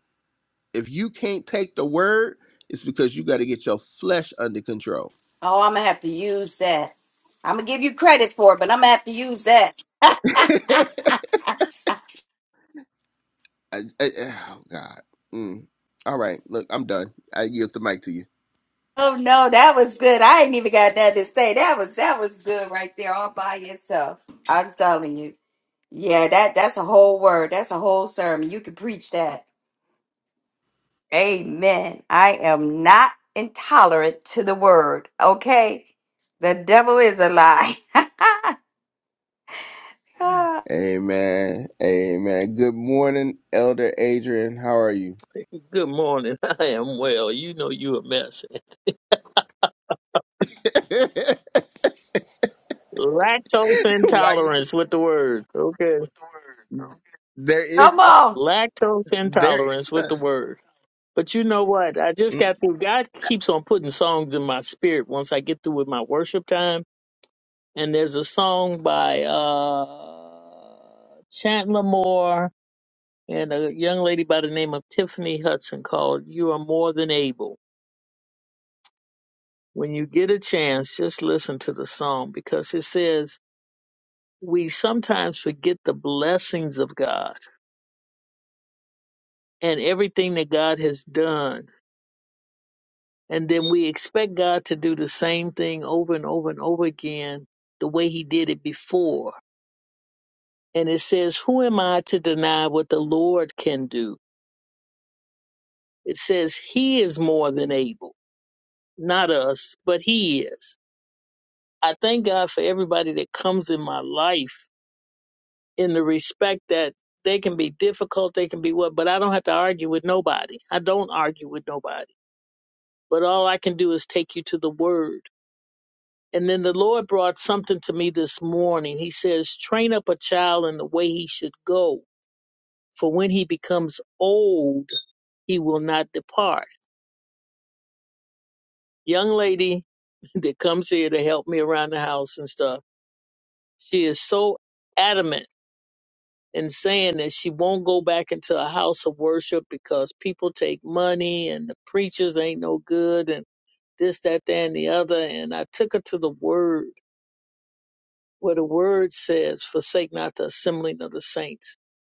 A: If you can't take the word, it's because you got to get your flesh under control.
B: Oh, I'm gonna have to use that. I'm gonna give you credit for it, but I'm gonna have to use that.
A: (laughs) I- I- oh, God. Mm. All right. Look, I'm done. I yield the mic to you.
B: Oh no, that was good. I ain't even got that to say. That was that was good right there, all by yourself. I'm telling you. Yeah, that that's a whole word. That's a whole sermon. You could preach that. Amen. I am not intolerant to the word. Okay, the devil is a lie. (laughs) Come
A: Amen. Amen. Good morning, Elder Adrian. How are you?
C: Good morning. (laughs) I am well. You know you a mess.
A: (laughs) Why
C: (laughs) Lactose
A: you?
C: intolerance with the word. Okay.
A: There is none.
B: on.
C: Lactose
A: There is
C: intolerance with the
A: none.
C: word. But you know what? I just
A: Mm.
C: got through. God keeps on putting songs in my spirit once I get through with my worship time. And there's a song by uh Chandler Moore and a young lady by the name of Tiffany Hudson called You Are More Than Able. When you get a chance, just listen to the song because it says we sometimes forget the blessings of God and everything that God has done. And then we expect God to do the same thing over and over and over again the way he did it before. And it says, Who am I to deny what the Lord can do? It says, He is more than able, not us, but He is. I thank God for everybody that comes in my life in the respect that they can be difficult, they can be what, but I don't have to argue with nobody. I don't argue with nobody. but all I can do is take you to the word. And then the Lord brought something to me this morning. He says, train up a child in the way he should go, for when he becomes old, he will not depart. Young lady (laughs) that comes here to help me around the house and stuff, she is so adamant in saying that she won't go back into a house of worship because people take money and the preachers ain't no good and this, that, that, and the other. And I took her to the word where the word says, forsake not the assembling of the saints,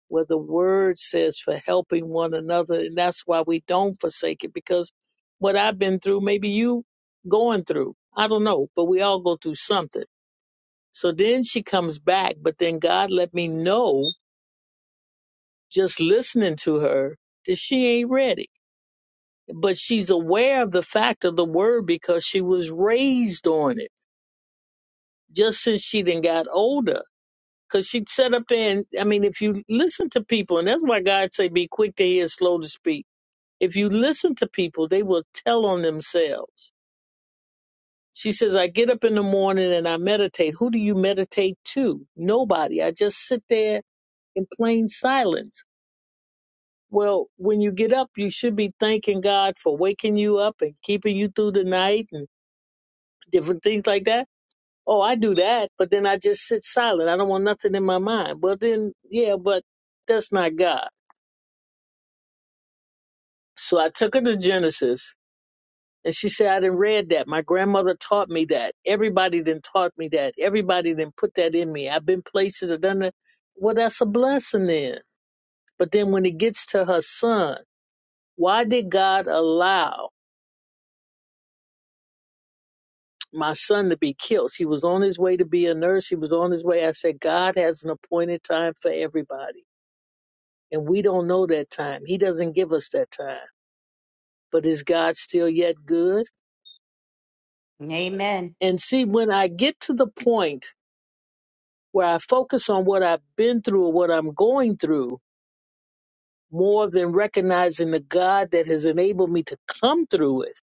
C: where the word says for helping one another. And that's why we don't forsake it because what I've been through, maybe you going through, I don't know, but we all go through something. So then she comes back, but then God let me know, just listening to her, that she ain't ready. But she's aware of the fact of the word because she was raised on it just since she then got older Cause she she'd sat up there and I mean, if you listen to people, and that's why God say be quick to hear, slow to speak. If you listen to people, they will tell on themselves. She says, I get up in the morning and I meditate. Who do you meditate to? Nobody. I just sit there in plain silence. Well, when you get up, you should be thanking God for waking you up and keeping you through the night and different things like that. Oh, I do that, but then I just sit silent. I don't want nothing in my mind. Well, then, yeah, but that's not God. So I took her to Genesis and she said, I didn't read that. My grandmother taught me that. Everybody then taught me that. Everybody then put that in me. I've been places I've done that. Well, that's a blessing then. But then when it gets to her son, why did God allow my son to be killed? He was on his way to be a nurse. He was on his way. I said, God has an appointed time for everybody. And we don't know that time. He doesn't give us that time. But is God still yet good?
B: Amen.
C: And see, when I get to the point where I focus on what I've been through or what I'm going through more than recognizing the God that has enabled me to come through it,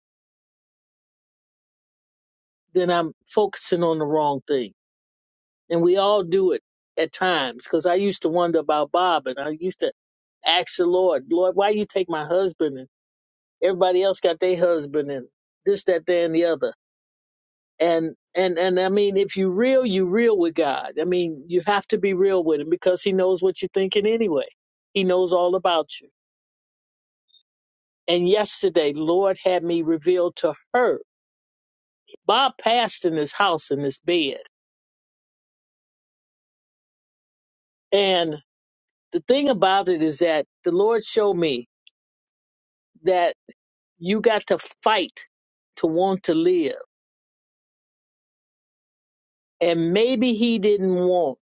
C: then I'm focusing on the wrong thing. And we all do it at times because I used to wonder about Bob and I used to ask the Lord, Lord, why you take my husband and everybody else got their husband and this, that, there, and the other. And and and I mean, if you real, you real with God. I mean, you have to be real with him because he knows what you're thinking anyway. He knows all about you. And yesterday, Lord had me revealed to her. Bob passed in his house in his bed. And the thing about it is that the Lord showed me that you got to fight to want to live. And maybe he didn't want,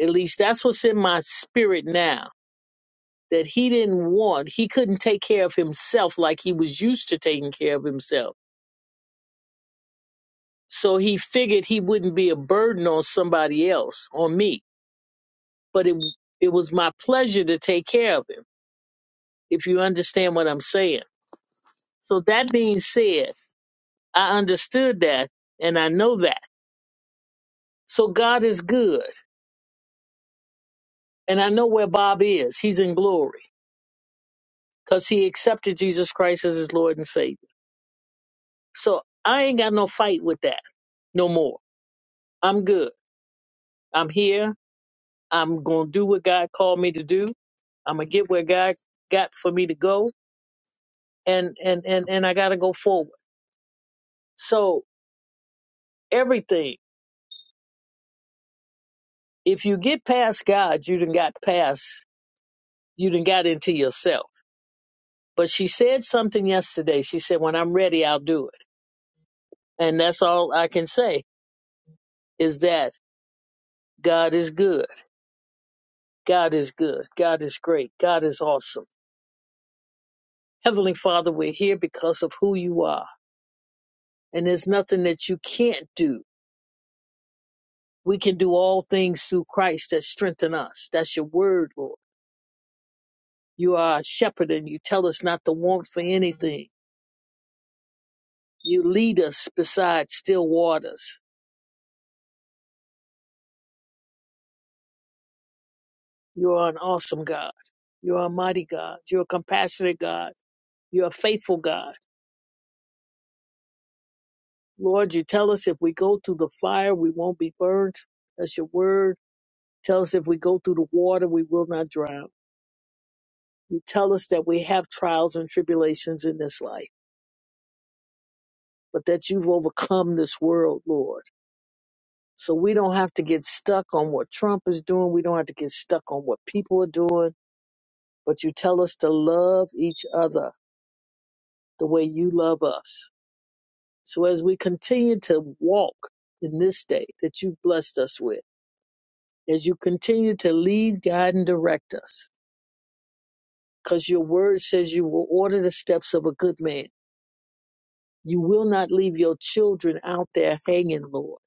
C: at least that's what's in my spirit now, that he didn't want, he couldn't take care of himself like he was used to taking care of himself. So he figured he wouldn't be a burden on somebody else, on me but it it was my pleasure to take care of him. If you understand what I'm saying. So that being said, I understood that and I know that. So God is good, and I know where Bob is. He's in glory because he accepted Jesus Christ as his Lord and Savior. So I ain't got no fight with that no more. I'm good. I'm here. I'm gonna do what God called me to do. I'm gonna get where God got for me to go, and and and and I gotta go forward. So everything. if you get past God, you done got past, you done got into yourself. But she said something yesterday. She said, when I'm ready, I'll do it. And that's all I can say is that God is good. God is good. God is great. God is awesome. Heavenly Father, we're here because of who you are. And there's nothing that you can't do. We can do all things through Christ that strengthen us. That's your word, Lord. You are a shepherd and you tell us not to want for anything. You lead us beside still waters You are an awesome God. You are a mighty God. You're a compassionate God. You're a faithful God. Lord, you tell us if we go through the fire, we won't be burned. That's your word. Tell us if we go through the water, we will not drown. You tell us that we have trials and tribulations in this life, but that you've overcome this world, Lord. So we don't have to get stuck on what Trump is doing. We don't have to get stuck on what people are doing, but you tell us to love each other the way you love us. So as we continue to walk in this day that you've blessed us with, as you continue to lead, guide, and direct us, because your word says you will order the steps of a good man. You will not leave your children out there hanging, Lord.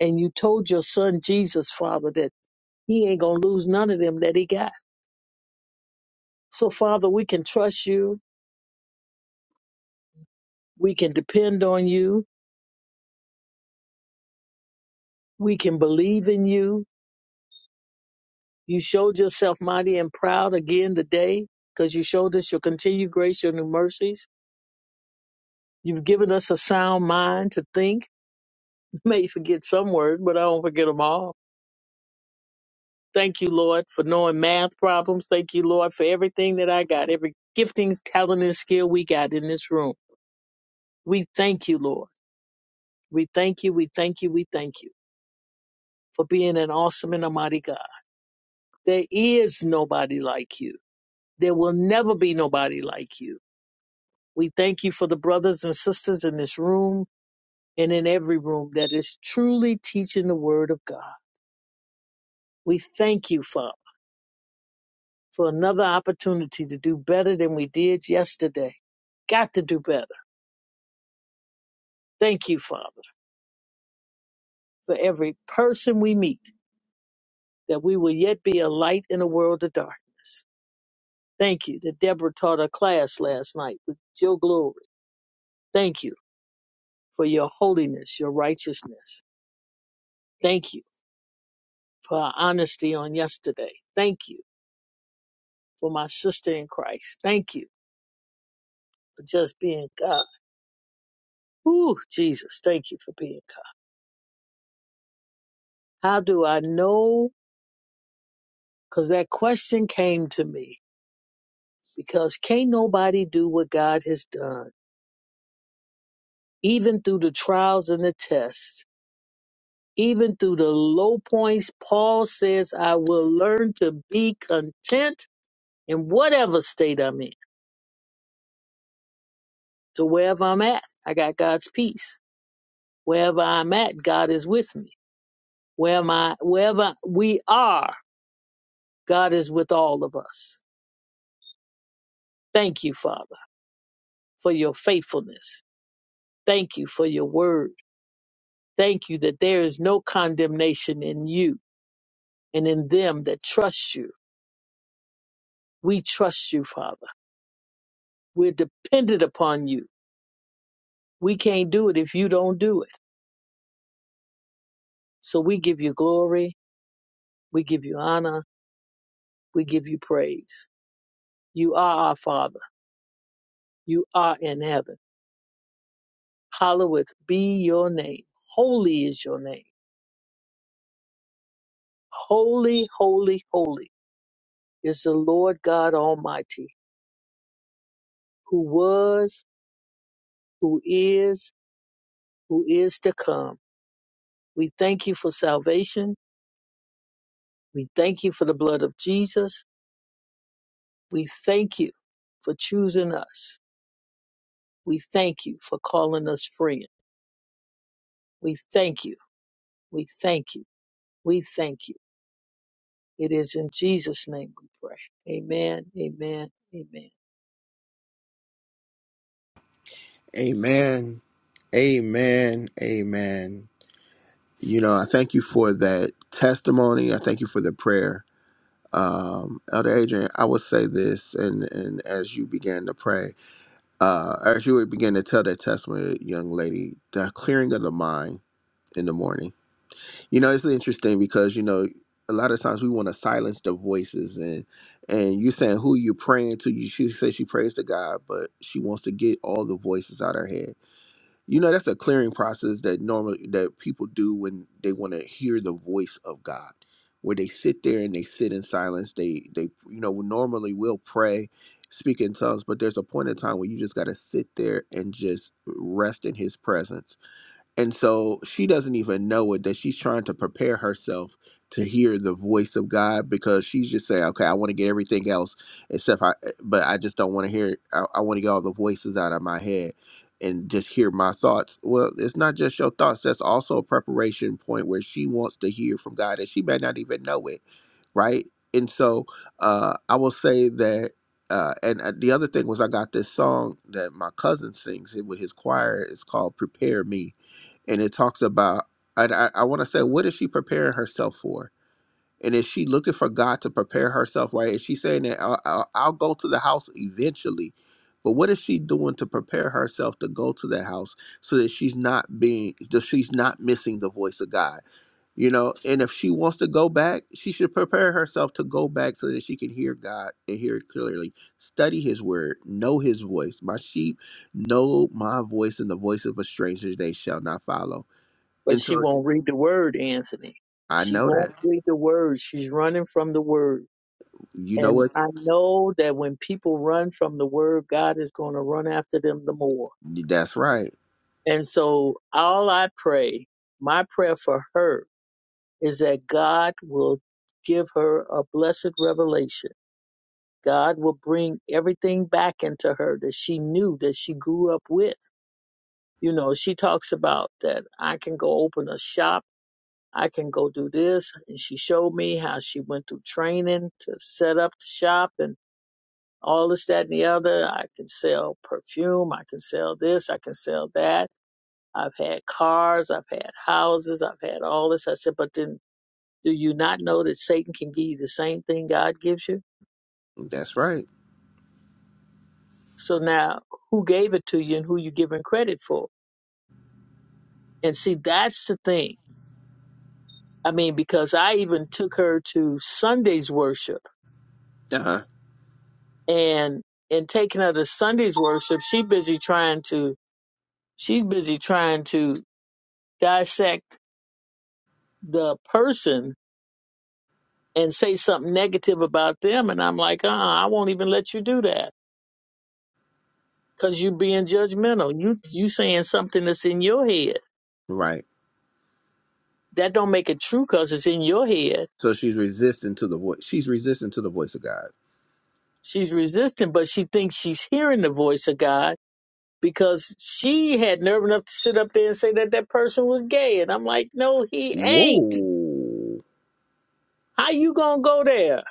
C: And you told your son Jesus, Father, that he ain't going to lose none of them that he got. So, Father, we can trust you. We can depend on you. We can believe in you You showed yourself mighty and proud again today because you showed us your continued grace, your new mercies. You've given us a sound mind to think. (laughs) May forget some words, but I don't forget them all. Thank you, Lord, for knowing math problems. Thank you, Lord, for everything that I got, every gifting, talent, and skill we got in this room. We thank you, Lord. We thank you, we thank you, we thank you for being an awesome and a mighty God. There is nobody like you. There will never be nobody like you. We thank you for the brothers and sisters in this room and in every room that is truly teaching the word of God. We thank you, Father, for another opportunity to do better than we did yesterday. Got to do better. Thank you, Father, for every person we meet, that we will yet be a light in a world of darkness. Thank you that Deborah taught a class last night with your glory. Thank you for your holiness, your righteousness. Thank you for our honesty on yesterday. Thank you for my sister in Christ. Thank you for just being God. Ooh, Jesus, thank you for being God. How do I know? Because that question came to me. Because can't nobody do what God has done, even through the trials and the tests, even through the low points. Paul says, I will learn to be content in whatever state I'm in. So wherever I'm at, I got God's peace. Wherever I'm at, God is with me. Where am I, wherever we are, God is with all of us. Thank you, Father, for your faithfulness. Thank you for your word. Thank you that there is no condemnation in you and in them that trust you. We trust you, Father. We're dependent upon you. We can't do it if you don't do it. So we give you glory. We give you honor. We give you praise. You are our Father. You are in heaven. Hallowed be your name. Holy is your name. Holy, holy, holy is the Lord God Almighty, who was, who is, who is to come. We thank you for salvation. We thank you for the blood of Jesus. We thank you for choosing us. We thank you for calling us friend. We thank you. We thank you. We thank you. It is in Jesus' name we pray. Amen. Amen. Amen.
A: Amen. Amen. Amen. You know, I thank you for that testimony. I thank you for the prayer. Um, Elder Adrian, I would say this, and, and as you began to pray, uh, as you began to tell that testimony, young lady, the clearing of the mind in the morning. You know, it's really interesting because you know a lot of times we want to silence the voices and and you saying who you praying to. You she says she prays to God, but she wants to get all the voices out her head. You know, that's a clearing process that normally that people do when they want to hear the voice of God, where they sit there and they sit in silence. They they you know normally will pray. Speak in tongues, but there's a point in time where you just got to sit there and just rest in his presence and so she doesn't even know it that she's trying to prepare herself to hear the voice of God because she's just saying, okay, I want to get everything else except I, eh, but I just don't want to hear, it. I, I want to get all the voices out of my head and just hear my thoughts. Well, it's not just your thoughts. That's also a preparation point where she wants to hear from God and she may not even know it. Right. And so uh, I will say that. Uh, and uh, the other thing was, I got this song that my cousin sings with his choir. It's called "Prepare Me," and it talks about and I, I want to say what is she preparing herself for and is she looking for god to prepare herself right is she saying that i'll, I'll, I'll go to the house eventually but what is she doing to prepare herself to go to the house so that she's not being that she's not missing the voice of god you know and if she wants to go back she should prepare herself to go back so that she can hear god and hear it clearly study his word know his voice my sheep know my voice and the voice of a stranger they shall not follow
C: But
A: and
C: she
A: so
C: won't read the word, Anthony.
A: I
C: She
A: know that.
C: won't read the word. She's running from the word.
A: You know
C: And
A: what?
C: I know that when people run from the word, God is going to run after them the more.
A: That's right.
C: And so all I pray, my prayer for her is that God will give her a blessed revelation. God will bring everything back into her that she knew that she grew up with. You know, she talks about that I can go open a shop. I can go do this. And she showed me how she went through training to set up the shop. and. all this, that, and the other. I can sell perfume. I can sell this. I can sell that. I've had cars. I've had houses. I've had all this. I said, but then do you not know that Satan can give you the same thing God gives you?
A: That's right.
C: So now who gave it to you and who you giving credit for? And see, that's the thing. I mean, because I even took her to Sunday's worship
A: Uh-huh.
C: and in taking her to Sunday's worship, she busy trying to, she's busy trying to dissect the person and say something negative about them and I'm like, uh uh I won't even let you do that because you being judgmental. You you saying something that's in your head.
A: Right.
C: That don't make it true because it's in your head.
A: So she's resistant to the voice. She's resistant to the voice of God.
C: She's resistant, but she thinks she's hearing the voice of God because she had nerve enough to sit up there and say that that person was gay. And I'm like, no, he ain't.
A: Whoa.
C: How you gonna go there?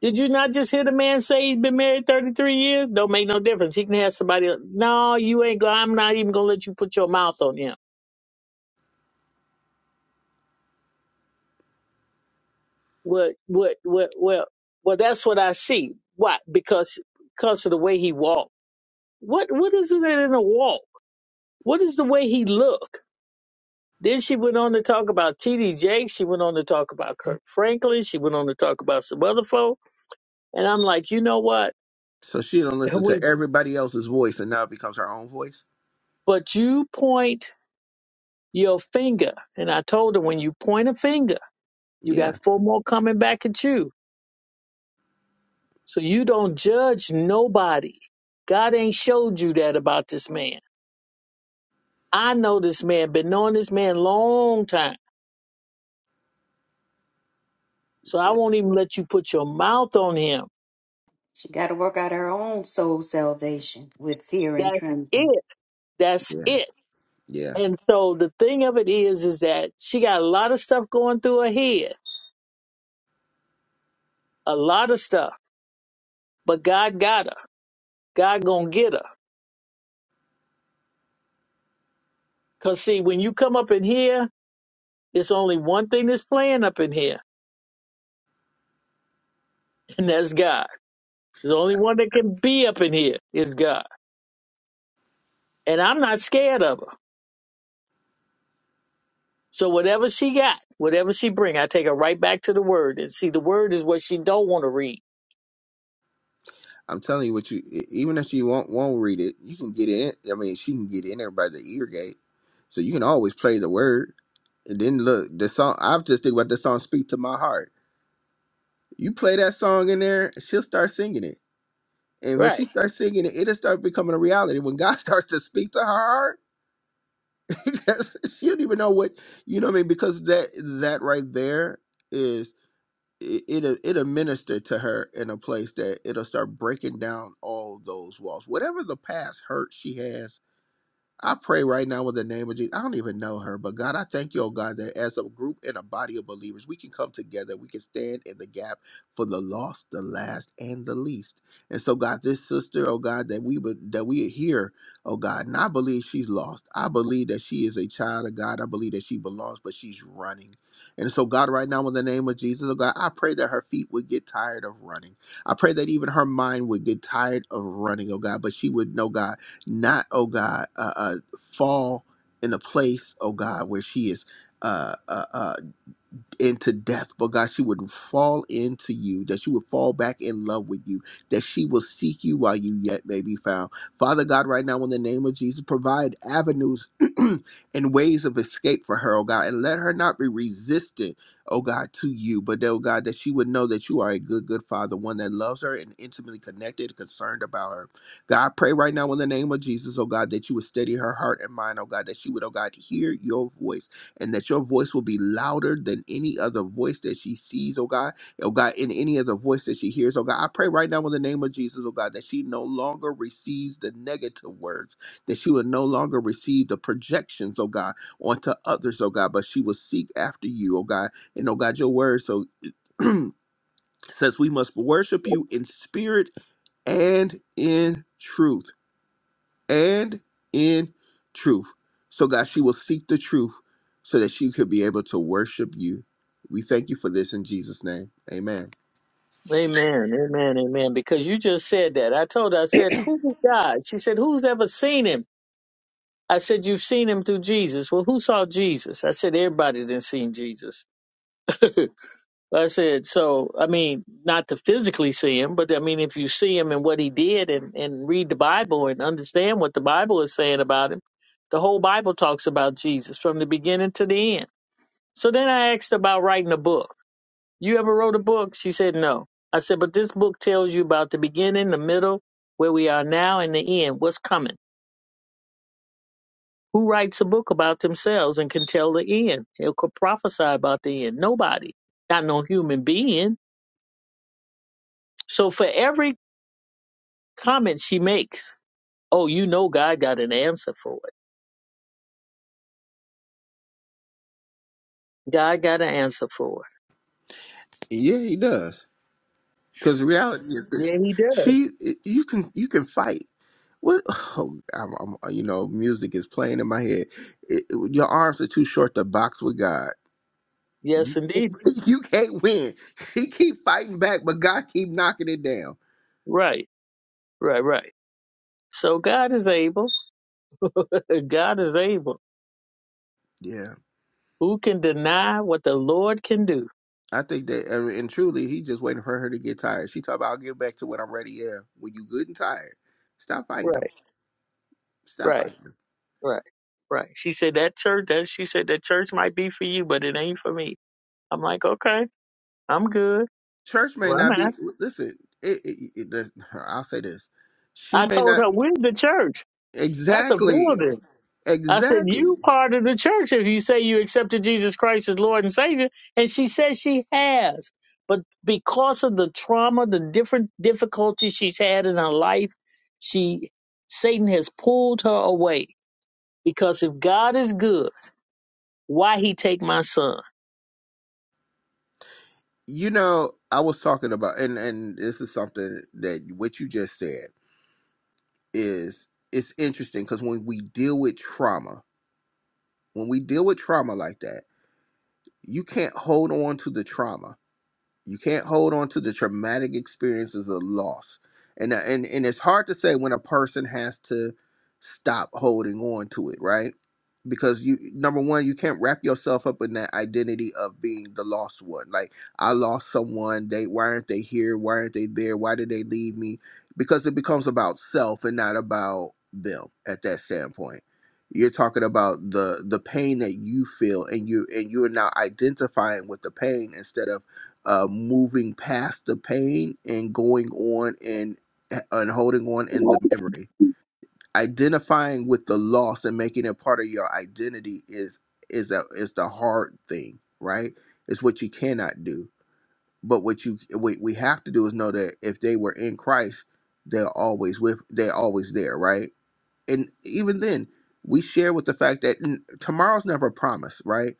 C: Did you not just hear the man say he's been married 33 years? Don't make no difference. He can have somebody. else. No, you ain't. go- I'm not even gonna let you put your mouth on him What what what well well that's what I see. Why? Because because of the way he walked. What what is it in a walk? What is the way he look? Then she went on to talk about T.D. Jakes. She went on to talk about Kirk Franklin. She went on to talk about some other folk. And I'm like, you know what?
A: So she don't listen to
C: Wait.
A: everybody else's voice and now it becomes her own voice?
C: But you point your finger, and I told her when you point a finger, you
A: Yeah.
C: got four more coming back at you. So you don't judge nobody. God ain't showed you that about this man. I know this man, been knowing this man long time. So I
A: Yeah.
C: won't even let you put your mouth on him.
B: She got to work out her own soul salvation with fear and
C: That's
B: trembling.
C: it. That's
A: Yeah.
C: it.
A: Yeah.
C: And so the thing of it is, is that she got a lot of stuff going through her head, a lot of stuff, but God got her. God gonna get her. Cause see, when you come up in here, it's only one thing that's playing up in here, (laughs) and that's God. There's only one that can be up in here is God. And I'm not scared of her. So whatever she got, whatever she bring, I take her right back to the word. And see, the word is what she don't want to read.
A: I'm telling you what you e- even if she won't won't read it, you can get in I mean she can get in there by the ear gate. So you can always play the word. And then look, the song I was just thinking about the song Speak to My Heart. You play that song in there, she'll start singing it And when she
C: Right.
A: starts singing it, it'll start becoming a reality. When God (laughs) starts to speak to her heart, (laughs) because she don't even know what you know what I mean, because that that right there is it, it'll it'll minister to her in a place that it'll start breaking down all those walls. Whatever the past hurt she has I pray right now in the name of Jesus. I don't even know her, but God, I thank you, oh God, that as a group and a body of believers, we can come together. We can stand in the gap for the lost, the last, and the least. And so, God, this sister, oh God, that we would that we are here, oh God, and I believe she's lost. I believe that she is a child of God. I believe that she belongs, but she's running. And so, God, right now in the name of Jesus, oh God, I pray that her feet would get tired of running. I pray that even her mind would get tired of running, oh God, but she would know, God not, oh God, uh, uh, fall in a place, oh God, where she is. uh, uh, uh into death, but God, she would fall into you, that she would fall back in love with you, that she will seek you while you yet may be found. Father God, right now, in the name of Jesus, provide avenues (clears throat) and ways of escape for her, oh God, and let her not be resistant, oh God, to you, but oh God, that she would know that you are a good, good Father, one that loves her and intimately connected and concerned about her. God, I pray right now in the name of Jesus, oh God, that you would steady her heart and mind, oh God, that she would, oh God, hear your voice and that your voice will be louder than any other voice that she sees, oh God, oh God, in any other voice that she hears, oh God. I pray right now in the name of Jesus, oh God, that she no longer receives the negative words, that she will no longer receive the projections, oh God, onto others, oh God, but she will seek after you, oh God. And oh God, your word so (clears throat) says we must worship you in spirit and in truth and in truth. So, God, she will seek the truth so that she could be able to worship you. We thank you for this in Jesus' name. Amen.
C: Amen. Amen. Amen. Because you just said that. I told her, I said, who is God? She said, who's ever seen him? I said, you've seen him through Jesus. Well, who saw Jesus? I said, everybody did seen Jesus. (laughs) I said, so, I mean, not to physically see him, but I mean, if you see him and what he did and, and read the Bible and understand what the Bible is saying about him, the whole Bible talks about Jesus from the beginning to the end. So then I asked about writing a book. You ever wrote a book? She said no. I said, but this book tells you about the beginning, the middle, where we are now, and the end, what's coming. Who writes a book about themselves and can tell the end? Who could prophesy about the end? Nobody. Not no human being. So for every comment she makes, oh, you know God got an answer for it. God got an answer for
A: And yeah, he does. Because the reality is
C: it.
A: that
C: Yeah, he does.
A: she you can you can fight. What (laughs) oh I'm, I'm you know, music is playing in my head. It- your arms are too short to box with God.
C: Yes,
A: You can't,
C: indeed.
A: (laughs) you can't win. She keep fighting back, but God keep knocking it down.
C: Right, right, right. So God is able. (laughs) God is able.
A: Yeah.
C: Who can deny what the Lord can do?
A: I think that, I mean, and truly, he just waiting for her to get tired. She talking about, I'll get back to when I'm ready. Yeah, when you good and tired, stop fighting them.
C: Right,
A: Stop
C: right,
A: fighting them.
C: right, right. She said that church that she said that church might be for you, but it ain't for me. I'm like, okay, I'm good.
A: Church may
C: Well, I'm
A: not be.
C: not.
A: Listen, it, it, it, the, (laughs) I'll say this: she
C: I
A: may
C: told
A: not
C: her, we're the church. That's a
A: exactly,
C: building. I said,
A: exactly.
C: you part of the church if you say you accepted Jesus Christ as Lord and Savior. And she says she has. But because of the trauma, the different difficulties she's had in her life, she Satan has pulled her away. Because if God is good, Why he take my son?
A: You know, I was talking about, and and this is something that what you just said is it's interesting because when we deal with trauma, when we deal with trauma like that, you can't hold on to the trauma You can't hold on to the traumatic experiences of loss. And uh, and and it's hard to say when a person has to stop holding on to it, right? Because you number one, you can't wrap yourself up in that identity of being the lost one. Like I lost someone, they why aren't they here? Why aren't they there? Why did they leave me? Because it becomes about self and not about them at that standpoint you're talking about the the pain that you feel and you and you're now identifying with the pain instead of uh, moving past the pain and going on and and holding on in the memory. Identifying with the loss and making it part of your identity is is a is the hard thing, right? It's what you cannot do. But what you what we have to do is know that if they were in Christ, they're always with they're always there, right? And even then, we share with the fact that n- tomorrow's never promised, right?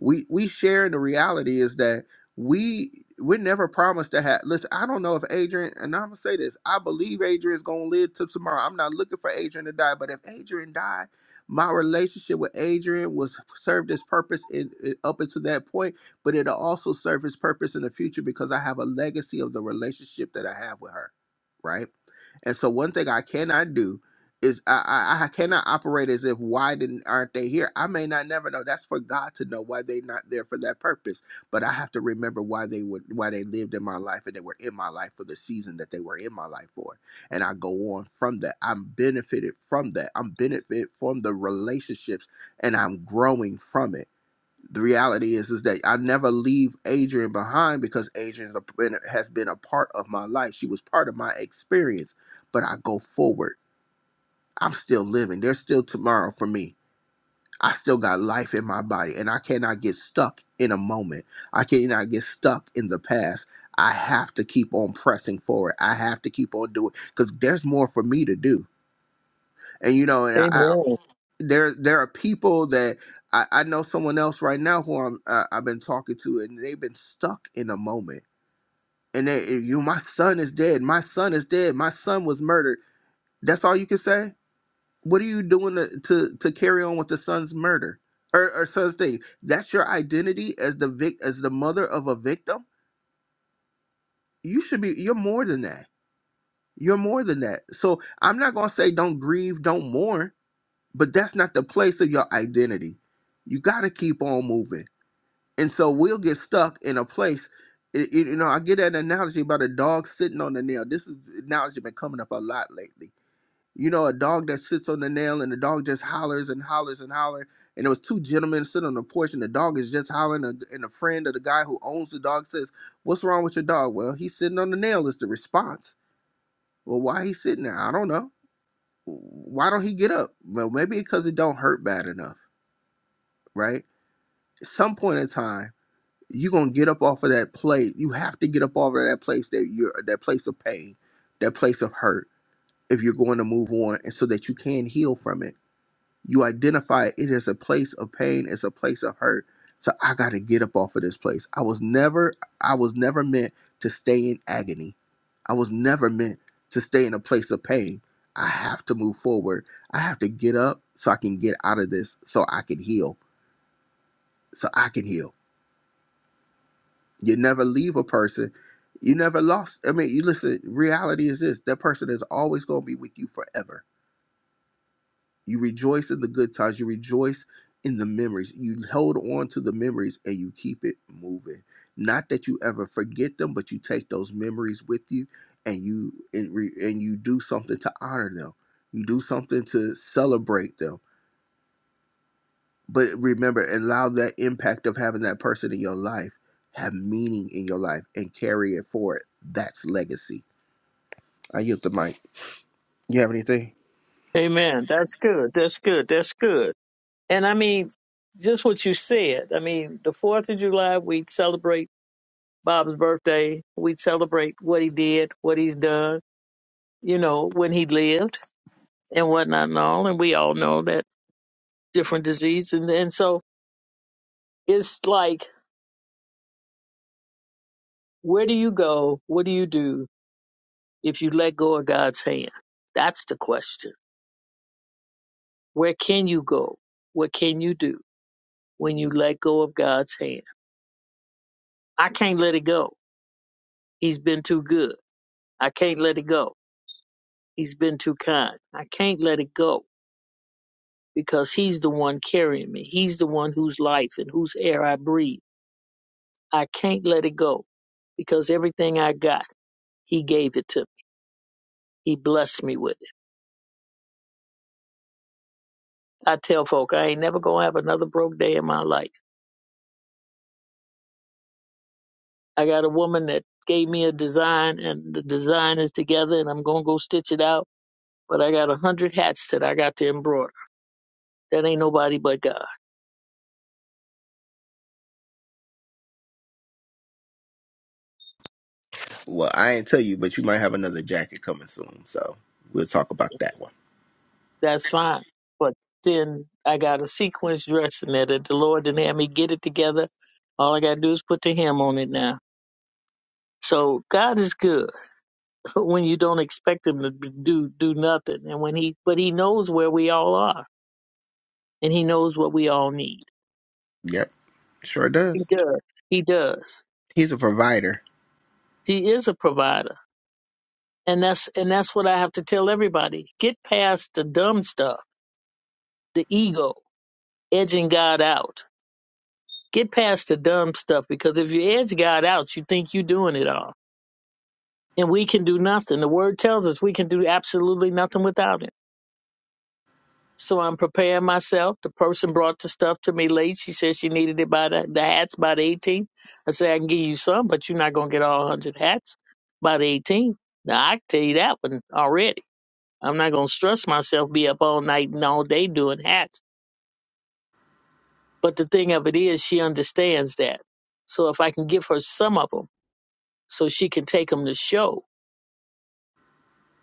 A: we we share the reality is that we we're never promised to have listen i don't know if adrian and i'm gonna say this i believe Adrian's gonna live till tomorrow i'm not looking for adrian to die but if adrian died my relationship with adrian was served its purpose in, in- up until that point but it'll also serve its purpose in the future because i have a legacy of the relationship that i have with her right and so one thing i cannot do is I, I I cannot operate as if why didn't aren't they here? I may not never know. That's for God to know why they not there for that purpose. But I have to remember why they would why they lived in my life and they were in my life for the season that they were in my life for. And I go on from that. I'm benefited from that. I'm benefit from the relationships and I'm growing from it. The reality is is that I never leave Adrian behind because Adrian has been a part of my life. She was part of my experience, but I go forward I'm still living. There's still tomorrow for me. I still got life in my body, and I cannot get stuck in a moment. I cannot get stuck in the past. I have to keep on pressing forward. I have to keep on doing because there's more for me to do. And you know, and I, I
C: Amen.
A: there there are people that I, I know someone else right now who I'm uh, I've been talking to, and they've been stuck in a moment. And they, you, my son is dead. My son is dead. My son was murdered. That's all you can say What are you doing to, to, to carry on with the son's murder or, or son's thing? That's your identity as the vic as the mother of a victim. You should be. You're more than that. You're more than that. So I'm not gonna say don't grieve, don't mourn, but that's not the place of your identity. You gotta keep on moving. And so we'll get stuck in a place. It, it- you know, I get that analogy about a dog sitting on the nail. This is analogy been coming up a lot lately you know, a dog that sits on the nail and the dog just hollers and hollers and holler. And there was two gentlemen sitting on the porch and the dog is just hollering. And and a friend of the guy who owns the dog says, "What's wrong with your dog?" Well, he's sitting on the nail is the response. Well, why he sitting there? I don't know. Why don't he get up? Well, maybe because it don't hurt bad enough, right? At some point in time, you're gonna get up off of that place. You have to get up off of that place that you're that place of pain, that place of hurt, if you're going to move on, and so that you can heal from it You identify it as a place of pain, it's a place of hurt. So I gotta get up off of this place. I was never, I was never meant to stay in agony. I was never meant to stay in a place of pain. I have to move forward. I have to get up so I can get out of this, so I can heal, so I can heal. You never leave a person. You never lost. I mean, you listen, reality is this that person is always going to be with you forever You rejoice in the good times. You rejoice in the memories. You hold on to the memories and you keep it moving. Not that you ever forget them, but you take those memories with you and you and, re, and you do something to honor them. You do something to celebrate them. But remember, allow that impact of having that person in your life have meaning in your life and carry it forward. That's legacy. I yield the mic. You have anything?
C: Amen. That's good. That's good. That's good. And I mean, just what you said. I mean, the Fourth of July, we celebrate Bob's birthday. We celebrate what he did, what he's done. You know, when he lived and whatnot and all. And we all know that different disease. And and so it's like, where do you go? What do you do if you let go of God's hand? That's the question. Where can you go? What can you do? when you let go of God's hand. I can't let it go. He's been too good. I can't let it go. He's been too kind. I can't let it go because He's the one carrying me. He's the one whose life and whose air I breathe. I can't let it go because everything I got, He gave it to me. He blessed me with it. I tell folk, I ain't never going to have another broke day in my life. I got a woman that gave me a design, and the design is together, and I'm going to go stitch it out. But I got a hundred hats that I got to embroider. That ain't nobody but God.
A: Well, I ain't tell you, but you might have another jacket coming soon. So we'll talk about that one.
C: That's fine. But then I got a sequence dressing it that the Lord didn't have me get it together. All I got to do is put the hem on it now. So God is good (laughs) when you don't expect him to do do nothing, and when he but he knows where we all are, and he knows what we all need.
A: Yep, sure
C: He
A: does.
C: does. He does.
A: He's a provider.
C: He is a provider, and that's and that's what I have to tell everybody. Get past the dumb stuff, the ego edging God out Get past the dumb stuff because if you edge God out, you think you're doing it all. And we can do nothing. The word tells us we can do absolutely nothing without it. So I'm preparing myself. The person brought the stuff to me late. She said she needed it by the, the hats by the 18th. I said, I can give you some, but you're not going to get all 100 hats by the 18th. Now, I can tell you that one already. I'm not going to stress myself, be up all night and all day doing hats. But the thing of it is, she understands that. So if I can give her some of them. so she can take them to show.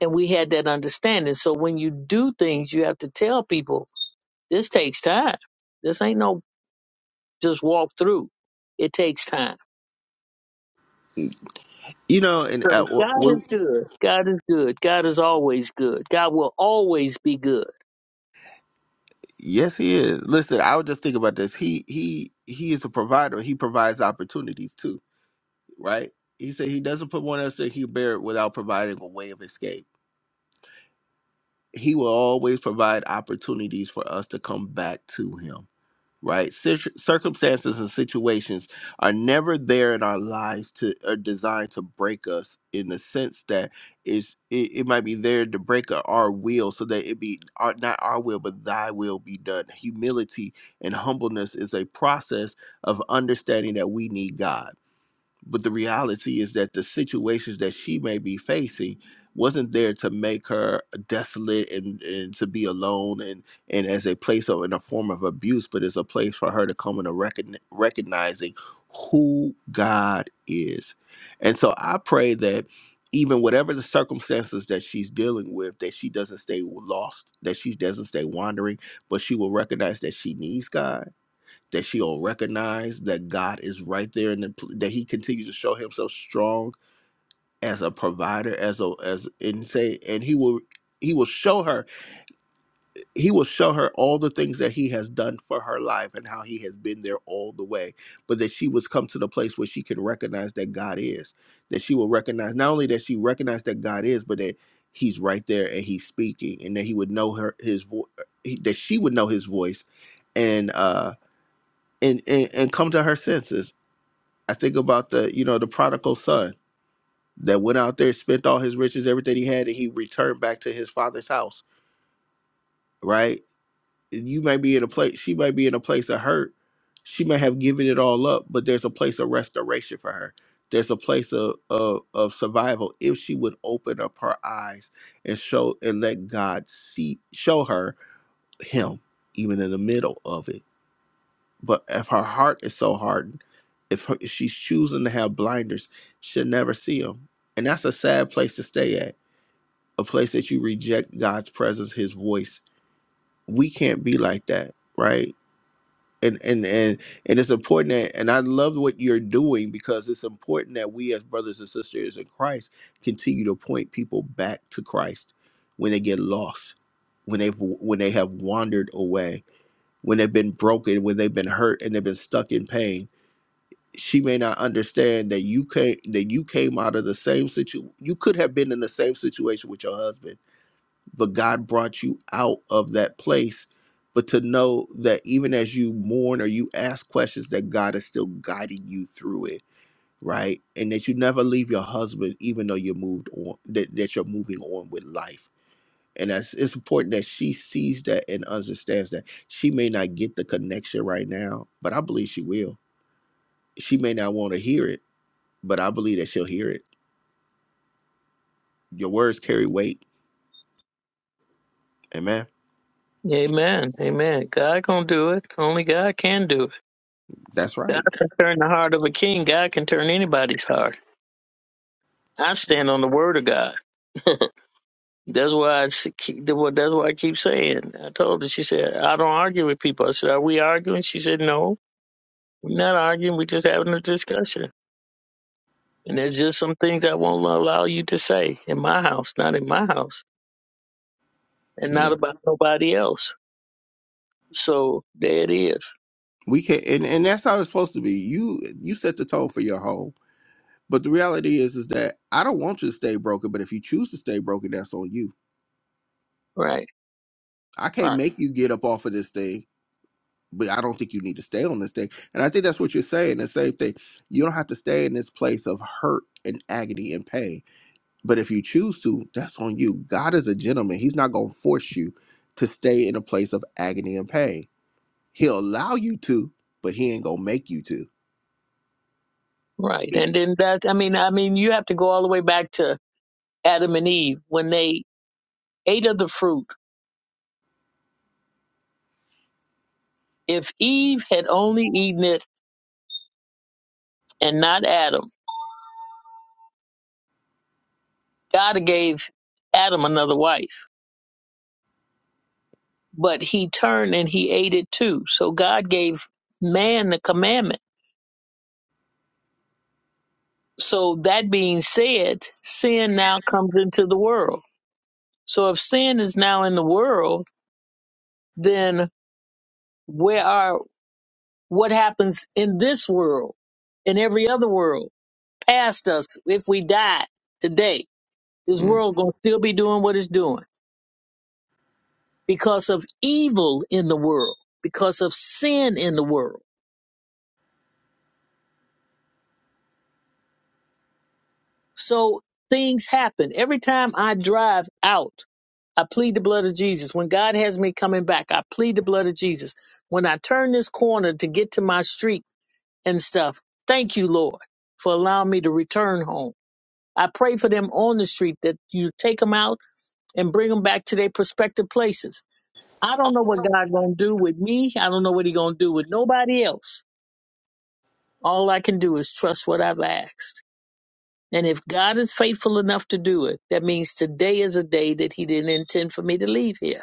C: And we had that understanding. So when you do things, you have to tell people this takes time. This ain't no just walk through. It takes time.
A: You know, and
C: So
A: uh, w
C: God is
A: w-
C: good. God is good. God is always good. God will always be good.
A: yes, he is. Listen, I was just thinking about this. He he he is a provider. He provides opportunities too, right? He said he doesn't put one else that he bear without providing a way of escape. He will always provide opportunities for us to come back to him right? Cir- circumstances and situations are never there in our lives to are designed to break us in the sense that is it, it might be there to break our our will so that it be our, not our will but thy will be done. Humility and humbleness is a process of understanding that we need God but the reality is that the situations that she may be facing wasn't there to make her desolate and, and to be alone and, and as a place of in a form of abuse, but it's a place for her to come into recogn- recognizing who God is. And so I pray that even whatever the circumstances that she's dealing with, that she doesn't stay lost, that she doesn't stay wandering, but she will recognize that she needs God that she'll recognize that God is right there and that that he continues to show himself strong as a provider as a as and say and he will he will show her he will show her all the things that he has done for her life and how he has been there all the way but that she was come to the place where she can recognize that God is that she will recognize not only that she recognized that God is but that he's right there and he's speaking and that he would know her his voice that she would know his voice and uh and, and and come to her senses I think about the, you know, the prodigal son that went out there, spent all his riches, everything he had, and he returned back to his father's house, right? And You might be in a place, she might be in a place of hurt. She might have given it all up, but there's a place of restoration for her. There's a place of, of, of survival if she would open up her eyes and show and let God see show her him even in the middle of it But if her heart is so hardened, if, her, if she's choosing to have blinders, she'll never see him. And that's a sad place to stay at, a place that you reject God's presence, his voice. We can't be like that, right? And and and and it's important that and I love what you're doing because it's important that we as brothers and sisters in Christ continue to point people back to Christ when they get lost, when they've when they have wandered away, when they've been broken, when they've been hurt and they've been stuck in pain she may not understand that you came that you came out of the same situ you could have been in the same situation with your husband but god brought you out of that place but to know that even as you mourn or you ask questions that god is still guiding you through it right and that you never leave your husband even though you moved on that, that you're moving on with life and that's it's important that she sees that and understands that she may not get the connection right now but i believe she will she may not want to hear it but I believe that she'll hear it. Your words carry weight. Amen.
C: Amen. Amen. God gonna do it. Only God can do it.
A: That's
C: God
A: right.
C: can turn the heart of a king. God can turn anybody's heart. I stand on the word of God. (laughs) That's why I s- keep, that's what- that's why I keep saying. I told her. She said, "I don't argue with people." I said, "Are we arguing?" She said, "No, we're not arguing. We're just having a discussion." And there's just some things I won't allow you to say in my house, not in my house, and not
A: Yeah.
C: about nobody else. So there it is.
A: We can and, and that's how it's supposed to be. You you set the tone for your whole. But the reality is is that I don't want you to stay broken, but if you choose to stay broken, that's on you.
C: Right,
A: I can't
C: right,
A: make you get up off of this thing, but I don't think you need to stay on this thing. And I think that's what you're saying. The same thing. You don't have to stay in this place of hurt and agony and pain. But if you choose to, that's on you. God is a gentleman. He's not gonna force you to stay in a place of agony and pain He'll allow you to, but he ain't gonna make you to.
C: right. And then that. I mean, I mean, you have to go all the way back to Adam and Eve when they ate of the fruit. If Eve had only eaten it and not Adam God gave Adam another wife, but he turned and he ate it too. So God gave man the commandment. So that being said, sin now comes into the world. So if sin is now in the world, then where are what happens in this world, in every other world, past us, if we die today, this
A: Mm.
C: world gonna still be doing what it's doing because of evil in the world, because of sin in the world. So things happen. Every time I drive out, I plead the blood of Jesus. When God has me coming back, I plead the blood of Jesus. When I turn this corner to get to my street and stuff, thank you, Lord, for allowing me to return home. I pray for them on the street that you take them out and bring them back to their prospective places. I don't know what God gonna do with me. I don't know what He gonna do with nobody else. All I can do is trust what I've asked. And if God is faithful enough to do it, that means today is a day that He didn't intend for me to leave here.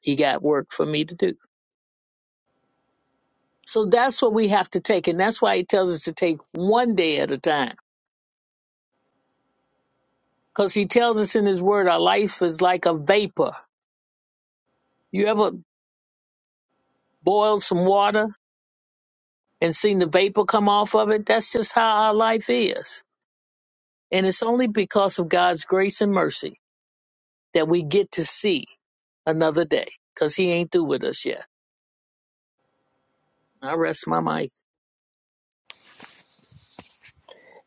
C: He got work for me to do. So that's what we have to take. And that's why He tells us to take one day at a time. Because He tells us in His Word, our life is like a vapor. You ever boiled some water and seen the vapor come off of it? That's just how our life is. And it's only because of God's grace and mercy that we get to see another day because He ain't through with us yet. I rest my mic.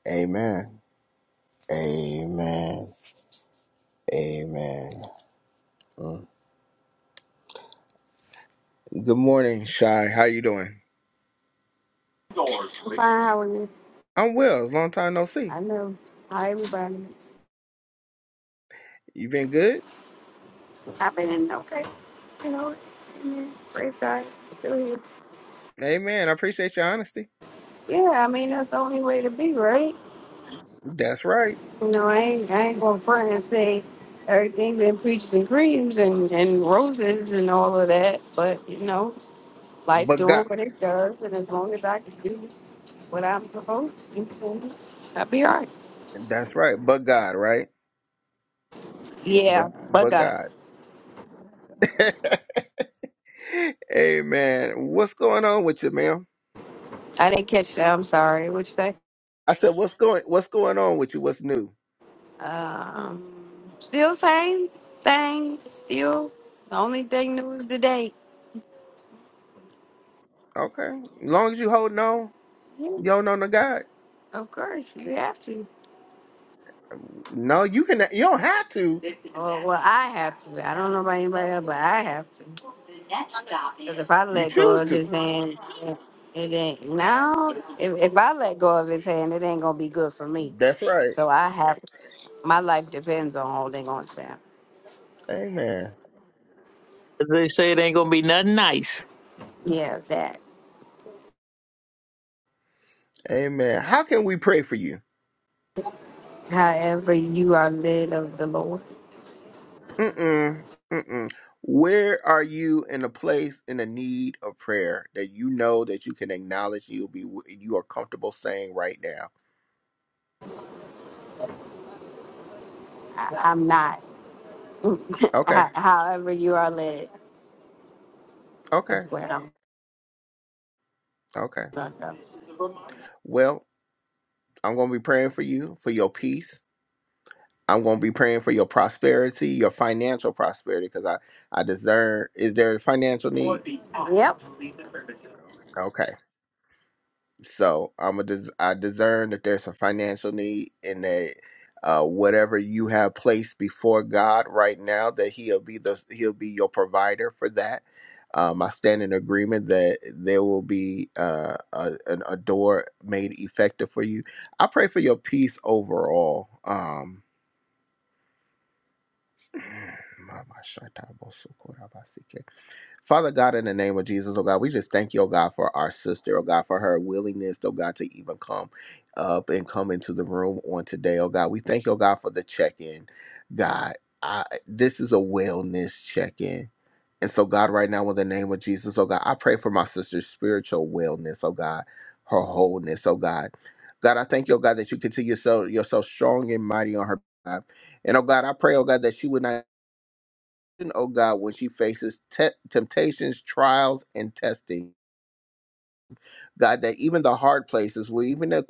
A: Amen. Amen. Amen. Good morning, Shy. How you doing?
D: I'm fine. How are you?
A: I'm well. It's long time no see.
D: I know how everybody
A: You been good?
D: happening. Okay. You know, amen. praise God. Still here.
A: Amen. I appreciate your honesty.
D: Yeah, I mean that's the only way to be, right?
A: That's right.
D: You know, I ain't I ain't gonna front and say everything been preaches and creams and and roses and all of that, but you know, life's
A: But God,
D: doing what it does, and as long as I can do what I'm supposed to, do, I'll be all right.
A: that's right. But God, right? But
D: Yeah, but
A: but
D: God,
A: God. (laughs) Amen. What's going on with you, ma'am?
D: I didn't catch that. I'm sorry. What you say?
A: I said, what's going What's going on with you? What's new?
D: Um, still same thing. Still the only thing new is the date.
A: Okay. Long as you holding on,
D: Yeah,
A: you don't know no God.
D: of course you have to.
A: No, you can. You don't have to.
D: Well, well, I have to. I don't know about anybody else, but I have to. Because if I
A: You
D: let go
A: choose
D: of
A: to.
D: his hand, it ain't. No, if, if I let go of his hand, it ain't gonna be good for me.
A: That's right.
D: So I have. My life depends on holding on to him.
A: Amen.
C: They say it ain't gonna be nothing nice.
D: Yeah, that.
A: Amen. How can we pray for you?
D: However, you are led of the Lord.
A: Mm-mm. Mm-mm. Where are you in a place in a need of prayer that you know that you can acknowledge you'll be you are comfortable saying right now?
D: I, I'm not. (laughs) Ho-
A: Okay.
D: However, you are led
A: Okay.
D: is where I'm
A: Okay.
D: going to
A: Well, I'm going to be praying for you for your peace. I'm going to be praying for your prosperity, your financial prosperity, because I I discern. Is there a financial need?
D: go. Yep.
A: Okay. So I'm a des- I discern that there's a financial need and that uh, whatever you have placed before God right now, that He'll be the He'll be your provider for that. Um, I stand in agreement that there will be uh, a, an, a door made effective for you. I pray for your peace overall. Um, (clears throat) Mama Shata Boso Kora Basike. Father God, in the name of Jesus, oh God, we just thank you, oh God, for our sister, oh God, for her willingness, oh God, to even come up and come into the room on today, oh God. We thank you, oh God, for the check in. God, I, this is a wellness check in. And so, God, right now, in the name of Jesus, oh God, I pray for my sister's spiritual wellness, oh God, her wholeness, oh God. God, I thank you, oh God, that you continue so you're so strong and mighty on her. behalf. And oh God, I pray, oh God, that she would not oh God, when she faces te- temptations, trials, and testing. God, that even the hard places, where even the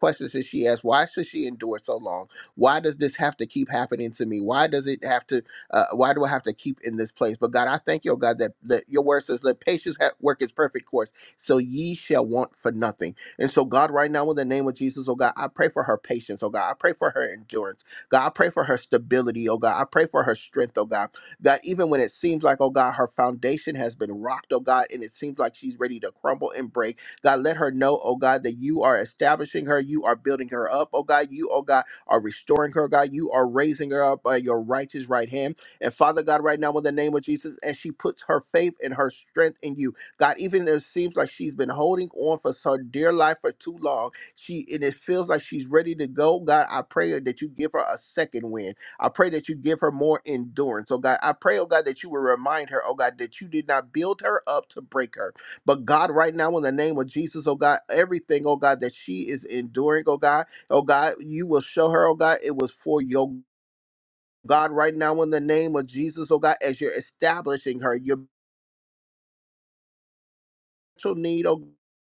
A: questions that she asked, why should she endure so long? Why does this have to keep happening to me? Why does it have to, uh, why do I have to keep in this place? But God, I thank you, oh God, that, that your word says, let patience ha- work its perfect course, so ye shall want for nothing. And so, God, right now, in the name of Jesus, oh God, I pray for her patience, oh God. I pray for her endurance. God, I pray for her stability, oh God. I pray for her strength, oh God. God, even when it seems like, oh God, her foundation has been rocked, oh God, and it seems like she's ready to crumble and break. God, let her know, oh God, that you are establishing her, you are building her up, oh God, you, oh God, are restoring her, God, you are raising her up by your righteous right hand. And Father God, right now in the name of Jesus, as she puts her faith and her strength in you, God, even if it seems like she's been holding on for her dear life for too long, she and it feels like she's ready to go. God, I pray that you give her a second wind. I pray that you give her more endurance. Oh God, I pray, oh God, that you will remind her, oh God, that you did not build her up to break her but God, right now, in the name of Jesus, oh God, everything, oh God, that she is enduring, oh God, oh God, you will show her, oh God, it was for your God, right now, in the name of Jesus, oh God, as you're establishing her, you're spiritual need, oh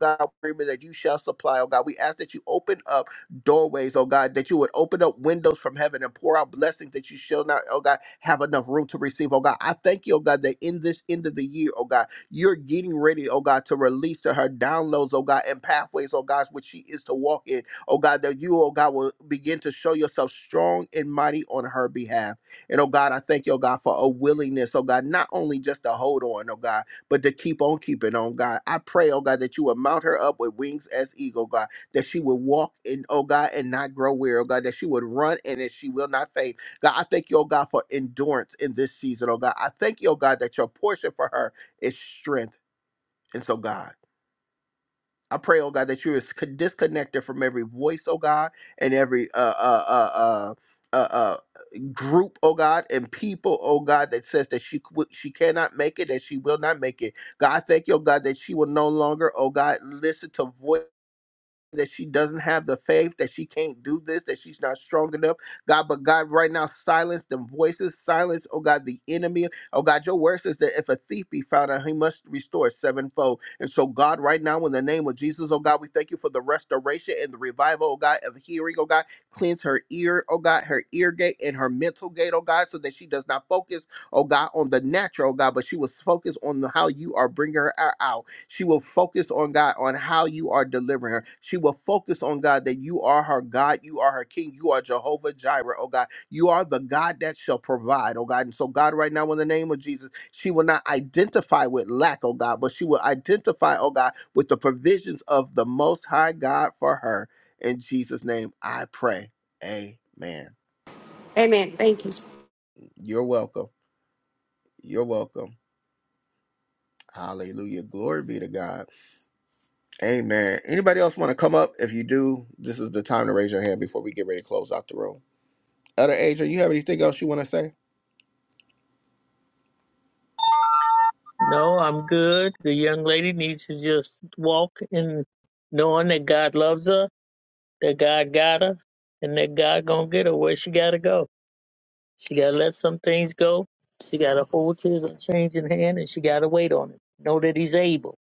A: God, that you shall supply, oh God. We ask that you open up doorways, oh God, that you would open up windows from heaven and pour out blessings that you shall not, oh God, have enough room to receive, oh God. I thank you, oh God, that in this end of the year, oh God, you're getting ready, oh God, to release to her downloads, oh God, and pathways, oh God, which she is to walk in, oh God, that you, oh God, will begin to show yourself strong and mighty on her behalf. And oh God, I thank you, oh God, for a willingness, oh God, not only just to hold on, oh God but to keep on keeping on, God. I pray, oh God, that you would mount her up with wings as eagle, God, that she would walk in, oh God, and not grow weary, oh God, that she would run and that she will not faint. God, I thank you, oh God, for endurance in this season, oh God. I thank you, oh God, that your portion for her is strength. And so, God, I pray, oh God, that you is disconnected from every voice, oh God, and every uh uh uh uh. uh, uh group, oh God, and people, oh God, that says that she qu- she cannot make it, that she will not make it. God, I thank you, oh God, that she will no longer, oh God, listen to voice that she doesn't have the faith, that she can't do this, that she's not strong enough. God, but God, right now, silence them voices, silence, oh God, the enemy. Oh God, your word says that if a thief be found out, he must restore sevenfold. And so, God, right now, in the name of Jesus, oh God, we thank you for the restoration and the revival, oh God, of hearing, oh God. Cleanse her ear, oh God, her ear gate and her mental gate, oh God, so that she does not focus, oh God, on the natural, oh God, but she was focused on the, how you are bringing her out she will focus on God, on how you are delivering her. She will focus on God that you are her God, you are her King, you are Jehovah Jireh, oh God. You are the God that shall provide, oh God. And so, God, right now, in the name of Jesus, she will not identify with lack, oh God, but she will identify, oh God, with the provisions of the Most High God for her. In Jesus' name, I pray. Amen.
D: Amen. Thank you.
A: You're welcome. You're welcome. Hallelujah. Glory be to God. Amen. Anybody else want to come up? If you do, this is the time to raise your hand before we get ready to close out the room. Elder Adrian, you have anything else you want to say?
C: No, I'm good. The young lady needs to just walk in knowing that God loves her, that God got her, and that God gonna get her where she gotta go. She gotta let some things go. She gotta hold his change in hand, and she gotta wait on him. Know that he's able.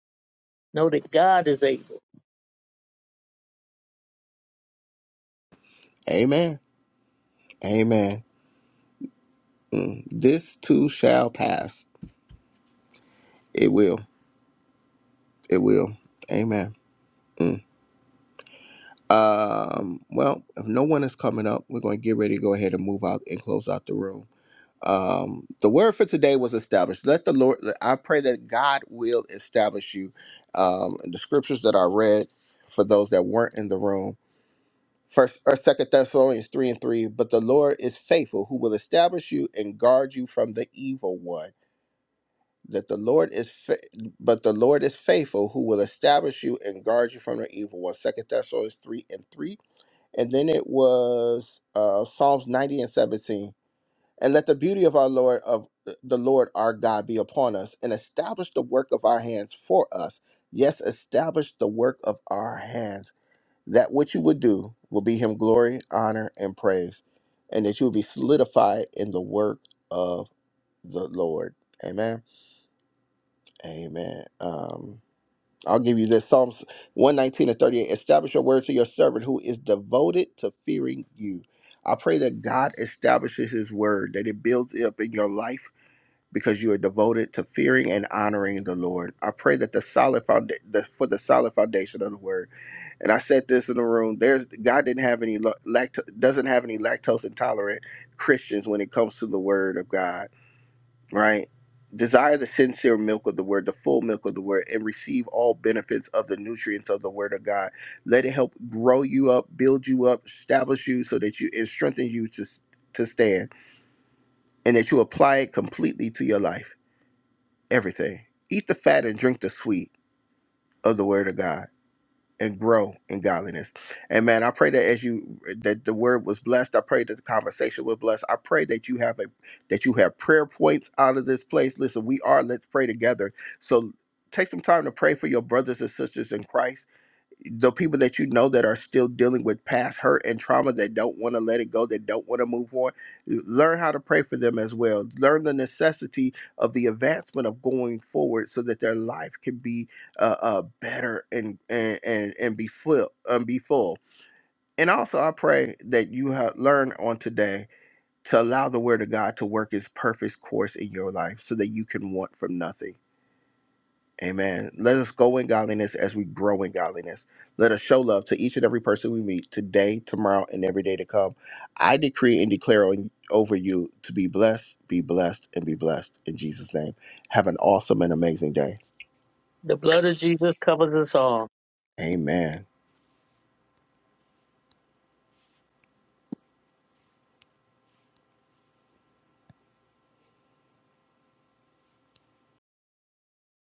C: Know that God is able.
A: Amen. Amen. Mm. This too shall pass. It will. It will. Amen. Mm. Um, well, if no one is coming up, we're going to get ready to go ahead and move out and close out the room. Um, the word for today was established. Let the Lord, I pray that God will establish you. Um, the scriptures that I read for those that weren't in the room. First or Second Thessalonians three and three. But the Lord is faithful, who will establish you and guard you from the evil one. That the Lord is, fa- but the Lord is faithful, who will establish you and guard you from the evil one. Second Thessalonians three and three. And then it was uh, Psalms ninety and seventeen. And let the beauty of our Lord of uh, the Lord our God be upon us, and establish the work of our hands for us. Yes, establish the work of our hands that what you would do will be him glory, honor, and praise, and that you will be solidified in the work of the Lord. Amen. Amen. Um, I'll give you this Psalms 119 and 38. Establish your word to your servant who is devoted to fearing you. I pray that God establishes his word, that it builds up in your life because you are devoted to fearing and honoring the Lord. I pray that the solid foundation for the solid foundation of the word and I said this in the room. There's God didn't have any lact doesn't have any lactose intolerant Christians when it comes to the Word of God, right? Desire the sincere milk of the Word, the full milk of the Word, and receive all benefits of the nutrients of the Word of God. Let it help grow you up, build you up, establish you, so that you it strengthens you to s- to stand, and that you apply it completely to your life, everything. Eat the fat and drink the sweet of the Word of God and grow in godliness. And man, I pray that as you that the word was blessed, I pray that the conversation was blessed. I pray that you have a that you have prayer points out of this place. Listen, we are let's pray together. So take some time to pray for your brothers and sisters in Christ the people that you know that are still dealing with past hurt and trauma that don't want to let it go, that don't want to move on, learn how to pray for them as well. Learn the necessity of the advancement of going forward so that their life can be uh, uh, better and and and, and be full um, be full. And also, I pray that you have learned on today to allow the Word of God to work its perfect course in your life so that you can want from nothing Amen. Let us go in godliness as we grow in godliness. Let us show love to each and every person we meet today, tomorrow, and every day to come. I decree and declare on, over you to be blessed, be blessed, and be blessed in Jesus' name. Have an awesome and amazing day.
C: The blood of Jesus covers us all.
A: Amen.